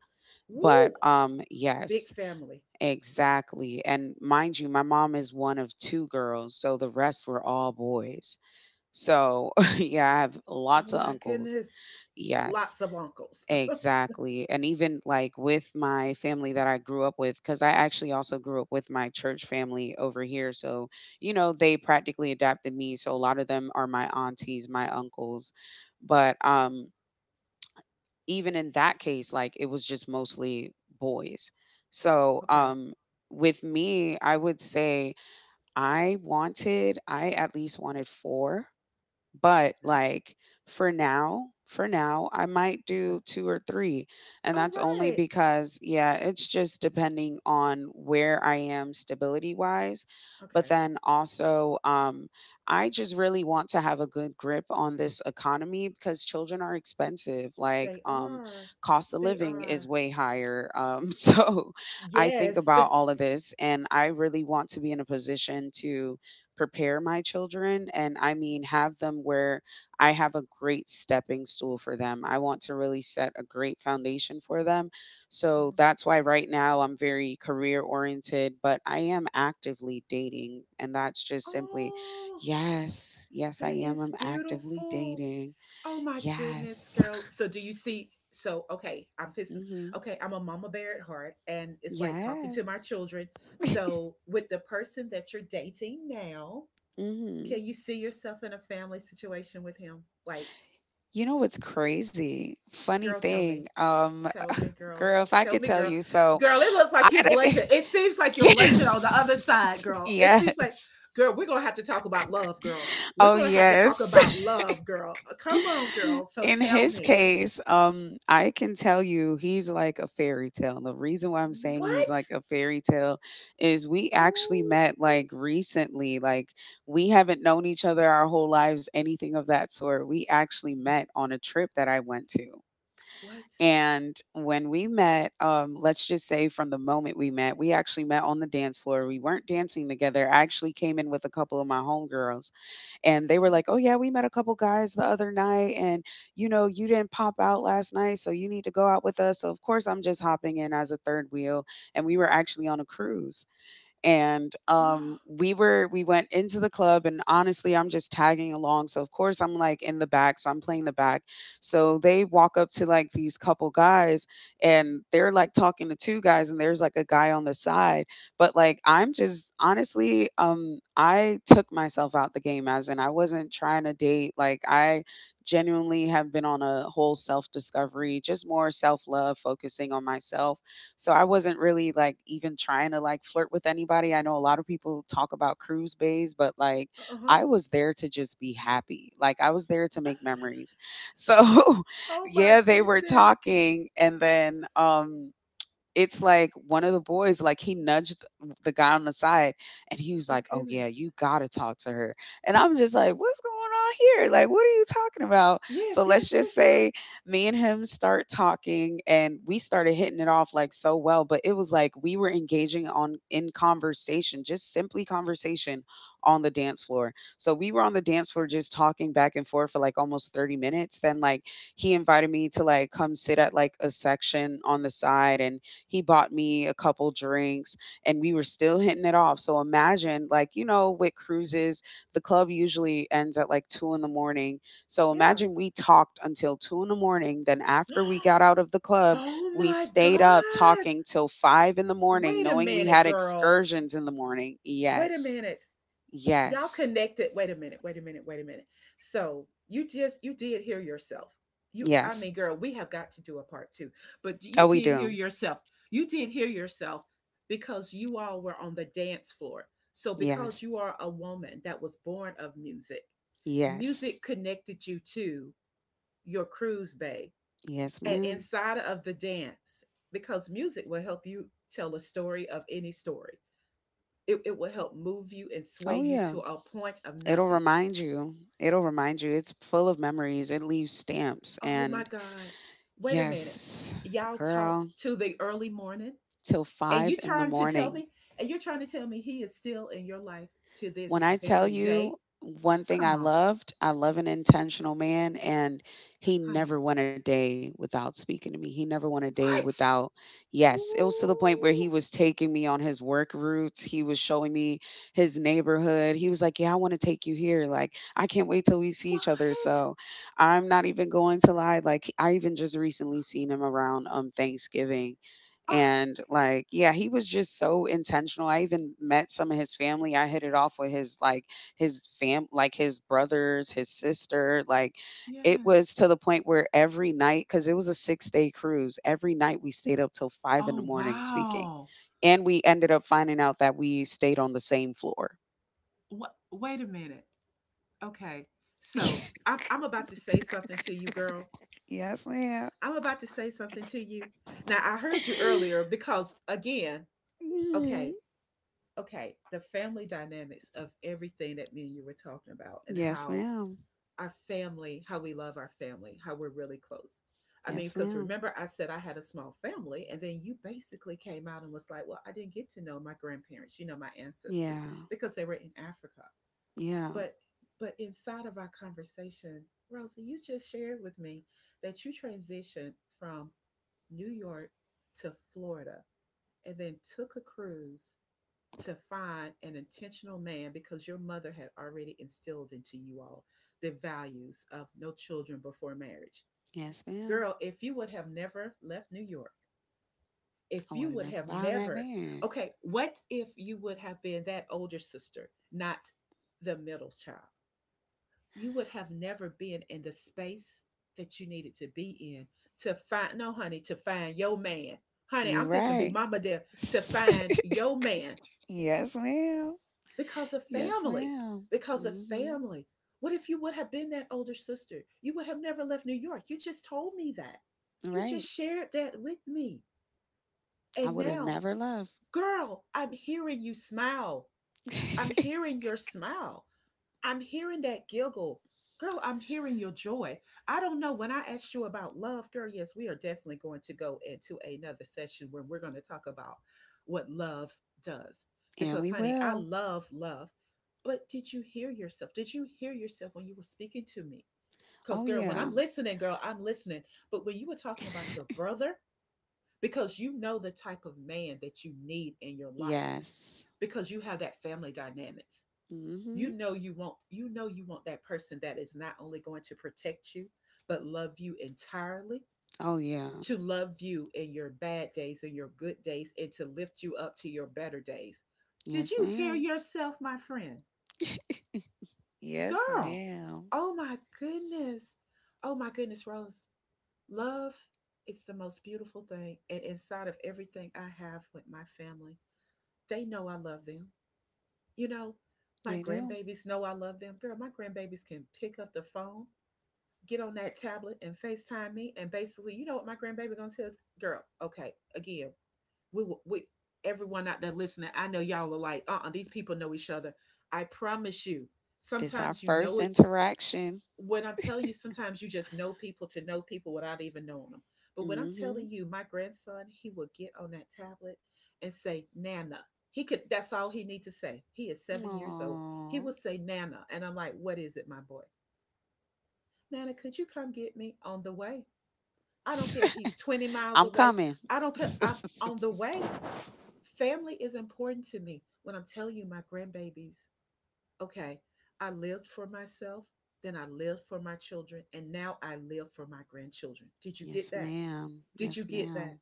B: But
A: Woo, big
B: yes,
A: family.
B: exactly. And mind you, my mom is one of two girls, so the rest were all boys. So, yeah, I have lots
A: Oh
B: of
A: my
B: uncles.
A: goodness.
B: Yes,
A: Lots of uncles.
B: exactly. And even like with my family that I grew up with, because I actually also grew up with my church family over here. So, they practically adopted me. So, a lot of them are my aunties, my uncles. But, um, Even in that case, like it was just mostly boys. So,
A: Okay,
B: um, with me, I would say I at least wanted four but,
A: okay,
B: like, for now, I might
A: okay.
B: do 2 or 3, and
A: All
B: that's only
A: right.
B: because yeah, it's just depending on where I am stability-wise, but
A: Okay.
B: then also, I just really want to have a good grip on this economy because children are expensive,
A: They are.
B: cost of
A: They
B: living is
A: are.
B: way higher, so I think
A: Yes.
B: about all of this, and I really want to be in a position to prepare my children and I mean have them where I have a great stepping stool for them. I want to really set a great foundation for them. So
A: Uh-huh.
B: that's why right now I'm very career oriented, but I am actively dating and that's just simply
A: Oh,
B: yes, yes I
A: that
B: am.
A: is
B: I'm actively
A: beautiful.
B: dating.
A: Oh my goodness,
B: Yes.
A: girl. So do you see? So okay, I'm fixing.
B: Mhm.
A: Okay, I'm a mama bear at heart, and it's like talking to my
B: Yes.
A: children. So with the person that you're dating now,
B: Hmm.
A: can you see yourself in a family situation with him? Like,
B: You know what's crazy? Funny
A: girl, tell
B: thing.
A: me. Tell me, girl.
B: Girl, if I
A: Tell
B: could
A: me,
B: tell
A: girl.
B: you, so
A: Girl, it looks
B: I
A: like you're
B: don't
A: blushing.
B: thi-
A: It seems like you're blushing on the other
B: Yes.
A: side, girl. It
B: Yes.
A: seems like, girl, we're going to have to talk about love, girl. We're
B: Oh,
A: going to have to talk
B: yes.
A: about love, girl. Come on, girl. So
B: In
A: tell
B: his
A: me,
B: case, I can tell you he's like a fairy tale. The reason why I'm saying he's
A: what?
B: like a fairy tale is we actually
A: Oh,
B: met like recently. Like we haven't known each other our whole lives, anything of that sort. We actually met on a trip that I went to.
A: what?
B: And when we met, let's just say from the moment we met, we actually met on the dance floor. We weren't dancing together. I actually came in with a couple of my homegirls, and they were
A: uh
B: like, "Oh yeah, we met a couple guys the other night, and you know, you didn't pop out last night, so you need to go out with us." So of course, I'm just hopping in as a third wheel, and we were actually on a cruise. And
A: Oh,
B: we were we went into the club, and honestly, I'm just tagging along. So of course, I'm like in the back, so I'm playing the back. So they walk up to like these couple guys, and they're like talking to two guys, and there's like a guy on the side. But like I'm just honestly, I took myself out the game as in I wasn't trying to date. Like I genuinely have been on a whole self discovery, just more self love, focusing on myself. So I wasn't really like even trying to like flirt with anybody. I know a lot of people talk about cruise bays, but like
A: uh-huh.
B: I was there to just be happy. Like I was there to make memories. So
A: Oh, my
B: yeah, they were
A: goodness.
B: talking and then it's like one of the boys, like he nudged the guy on the side and he was
A: Oh,
B: like, oh yeah,
A: goodness.
B: you gotta talk to her. And I'm just like, what's going on here? Like, what are you talking about? So
A: Yes,
B: let's
A: yes,
B: just
A: yes, yes.
B: say me and him start talking and we started hitting it off like so well, but it was like we were engaging on in conversation, just simply conversation on the dance floor. So we were on the dance floor just talking back and forth for like almost 30 minutes. Then like he invited me to like come sit at like a section on the side and he bought me a couple drinks and we were still hitting it off. So imagine, like, you know, with cruises, the club usually ends at like two in the morning. So
A: Yeah.
B: imagine we talked until two in the morning. Then after we got out of the club,
A: Oh,
B: we
A: my
B: stayed up
A: God.
B: talking till five in the morning,
A: Wait a
B: knowing we
A: minute,
B: had
A: girl.
B: excursions in the morning.
A: Wait a
B: Yes.
A: minute. Y'all
B: Yes.
A: connected. Wait a minute. Wait a minute. Wait a minute. So you did hear yourself. you i
B: Yes.
A: mean girl, we have got to do a part two. But
B: Oh,
A: you
B: we
A: did hear
B: do.
A: yourself, you did hear yourself, because you all were on the dance floor. So because
B: Yes.
A: you are a woman that was born of music,
B: Yes.
A: music connected you to your cruise bay,
B: Yes,
A: and
B: ma'am.
A: inside of the dance, because music will help you tell a story of any story. It will help move you and sway
B: Oh,
A: you
B: yeah.
A: to a point of
B: It'll
A: nothing.
B: remind you. It'll remind you. It's full of memories. It leaves stamps.
A: Oh my
B: And
A: God. Wait a minute.
B: yes,
A: Y'all
B: girl,
A: talked to the early morning,
B: till
A: and
B: five in the morning.
A: you're trying to tell me he is still in your life to this
B: When I tell
A: very
B: you
A: day.
B: one thing
A: Come
B: I
A: on,
B: loved, I love an intentional man, and he
A: honey.
B: never went a day without speaking to me. He never went a day
A: What?
B: without, yes, it was to the point where he
A: Ooh,
B: was taking me on his work routes. He was showing me his neighborhood. He was like, yeah, I want to take you here. Like, I can't wait till we see each other.
A: what?
B: So I'm not even going to lie. Like, I even just recently seen him around Thanksgiving
A: Oh,
B: and like, yeah, he was just so intentional. I even met some of his family. I hit it off with his like his brothers, his sister. Like it
A: yes.
B: was to the point where every night, because it was a 6 day cruise, every night we stayed up till five in the
A: Oh,
B: morning speaking.
A: wow.
B: And we ended up finding out that we stayed on the same floor.
A: What? Wait a minute. Okay. So I'm about to say something to you, girl.
B: Yes, ma'am.
A: I'm about to say something to you. Now, I heard you earlier because, again,
B: Mhm.
A: okay, okay, the family dynamics of everything that me and you were talking about, and
B: Yes,
A: how
B: ma'am.
A: our family, how we love our family, how we're really close. I mean,
B: Yes,
A: because
B: ma'am.
A: remember, I said I had a small family, and then you basically came out and was like, "Well, I didn't get to know my grandparents, you know, my ancestors,
B: Yeah.
A: because they were in Africa."
B: Yeah.
A: But but inside of our conversation, Rosa, you just shared with me that you transitioned from New York to Florida, and then took a cruise to find an intentional man because your mother had already instilled into you all the values of no children before marriage.
B: Yes, ma'am.
A: Girl, if you would have never left New York,
B: I
A: if
B: would
A: you
B: have
A: would
B: never
A: have
B: found that
A: never,
B: man.
A: okay, what if you would have been that older sister, not the middle child? You would have never been in the space that you needed to be in to find, no, honey, to find your man. Honey,
B: You're
A: I'm just gonna
B: right.
A: be mama there to find your man
B: Yes, ma'am.
A: because of
B: Yes,
A: family.
B: ma'am.
A: Because of
B: Mm hmm
A: family. What if you would have been that older sister? You would have never left New York. You just told me that. You
B: Right.
A: just shared that with me.
B: I
A: And
B: would have
A: now,
B: never left.
A: girl, I'm hearing you smile. I'm hearing your smile. I'm hearing that giggle. Girl, I'm hearing your joy. I don't know. When I asked you about love, girl, yes, we are definitely going to go into another session where we're going to talk about what love does.
B: And we
A: Because, honey, I
B: will.
A: love love. But did you hear yourself? Did you hear yourself when you were speaking to me?
B: Oh,
A: Because, girl, when
B: yeah.
A: I'm listening, girl, I'm listening. But when you were talking about your brother, because you know the type of man that you need in your life,
B: Yes.
A: because you have that family dynamics,
B: mm hmm
A: you know you want that person that is not only going to protect you but love you entirely,
B: Oh, yeah.
A: to love you in your bad days and your good days, and to lift you up to your better days. Did
B: Yes,
A: you hear
B: ma'am.
A: yourself, my friend?
B: Yes,
A: Girl,
B: ma'am.
A: oh my goodness. Oh my goodness, Rose. Love is the most beautiful thing, and inside of everything I have with my family, they know I love them, you know. My
B: They do.
A: grandbabies know I love them. Girl, my grandbabies can pick up the phone, get on that tablet and FaceTime me. And basically, you know what my grandbaby gonna tell. Girl, okay, again, we everyone out there listening, I know y'all are like, these people know each other. I promise you,
B: This our
A: sometimes you
B: first
A: know it.
B: interaction.
A: When I'm telling you, sometimes you just know people to know people without even knowing them. But when I'm
B: Mm-hmm.
A: telling you, my grandson, he will get on that tablet and say, Nana. He could, that's all he need to say. He is 7 years old. He
B: Aww.
A: will say Nana. And I'm like, what is it, my boy? Nana, could you come get me on the way? I don't care if he's 20 miles
B: I'm
A: away.
B: coming.
A: I don't care. I'm on the way. Family is important to me. When I'm telling you my grandbabies, okay, I lived for myself, then I lived for my children, and now I live for my grandchildren. Did you
B: Yes,
A: get that?
B: ma'am.
A: Did
B: Yes,
A: you get
B: ma'am.
A: that?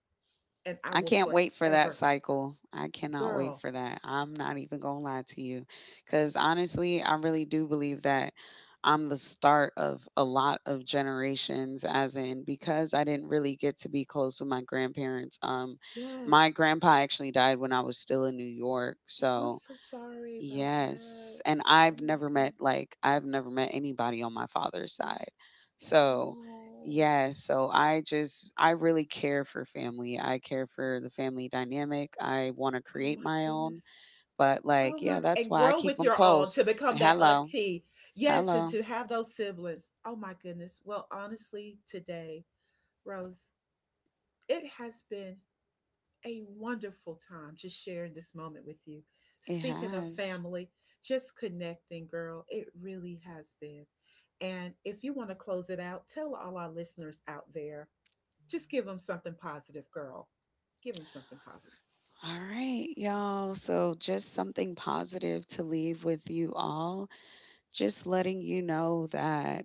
A: And I
B: I
A: will
B: can't wait for that
A: forever.
B: cycle. I cannot wait
A: Girl,
B: for that. I'm not even going to lie to you. Because honestly, I really do believe that I'm the start of a lot of generations, as in, because I didn't really get to be close with my grandparents. My
A: yes.
B: grandpa actually died when I was still in New York.
A: I'm
B: So
A: so sorry about
B: yes,
A: that.
B: and I've
A: Oh my
B: never met
A: goodness.
B: like I've never met anybody on my father's side. So,
A: Oh,
B: yes. I just I really care for family. I care for the family dynamic. I want to
A: oh
B: create
A: my
B: my own,
A: goodness.
B: but like
A: Oh
B: yeah,
A: my,
B: that's
A: and
B: why I
A: grow
B: keep
A: with
B: them
A: your own to
B: close.
A: become that
B: Hello.
A: auntie. Yes, and
B: Hello.
A: to have those siblings. Oh my goodness. Well, honestly, today, Rose, it has been a wonderful time just sharing this moment with you.
B: It
A: Speaking of
B: has.
A: family, just connecting, girl, it really has been. And if you want to close it out, tell all our listeners out there, just give them something positive, girl. Give them something positive.
B: All right, y'all. So, just something positive to leave with you all. Just letting you know that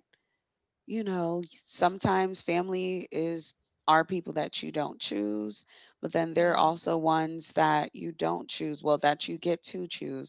B: you know, sometimes family is are people that you don't choose, but then there are
A: Yeah,
B: also ones that you don't choose, well, that you get to choose.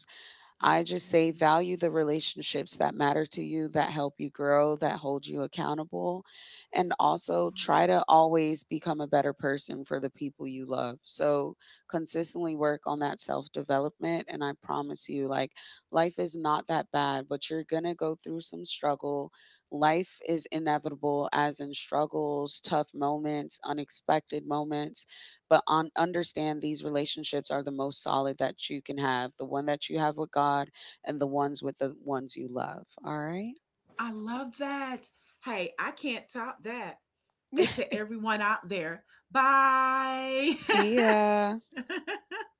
B: I just say
A: absolutely.
B: value the relationships that matter to you, that help you grow, that hold you accountable, and also try to always become a better person for the people you love. So consistently work on that self development. And I promise you, like, life is not that bad, but you're going to go through some struggle. Life is inevitable, as in struggles, tough moments, unexpected moments but on understand these relationships are the most solid that you can have, the one that you have with God and the ones with the ones you love. All right.
A: I love that. Hey, I can't top that. And to everyone out there, bye.
B: See ya.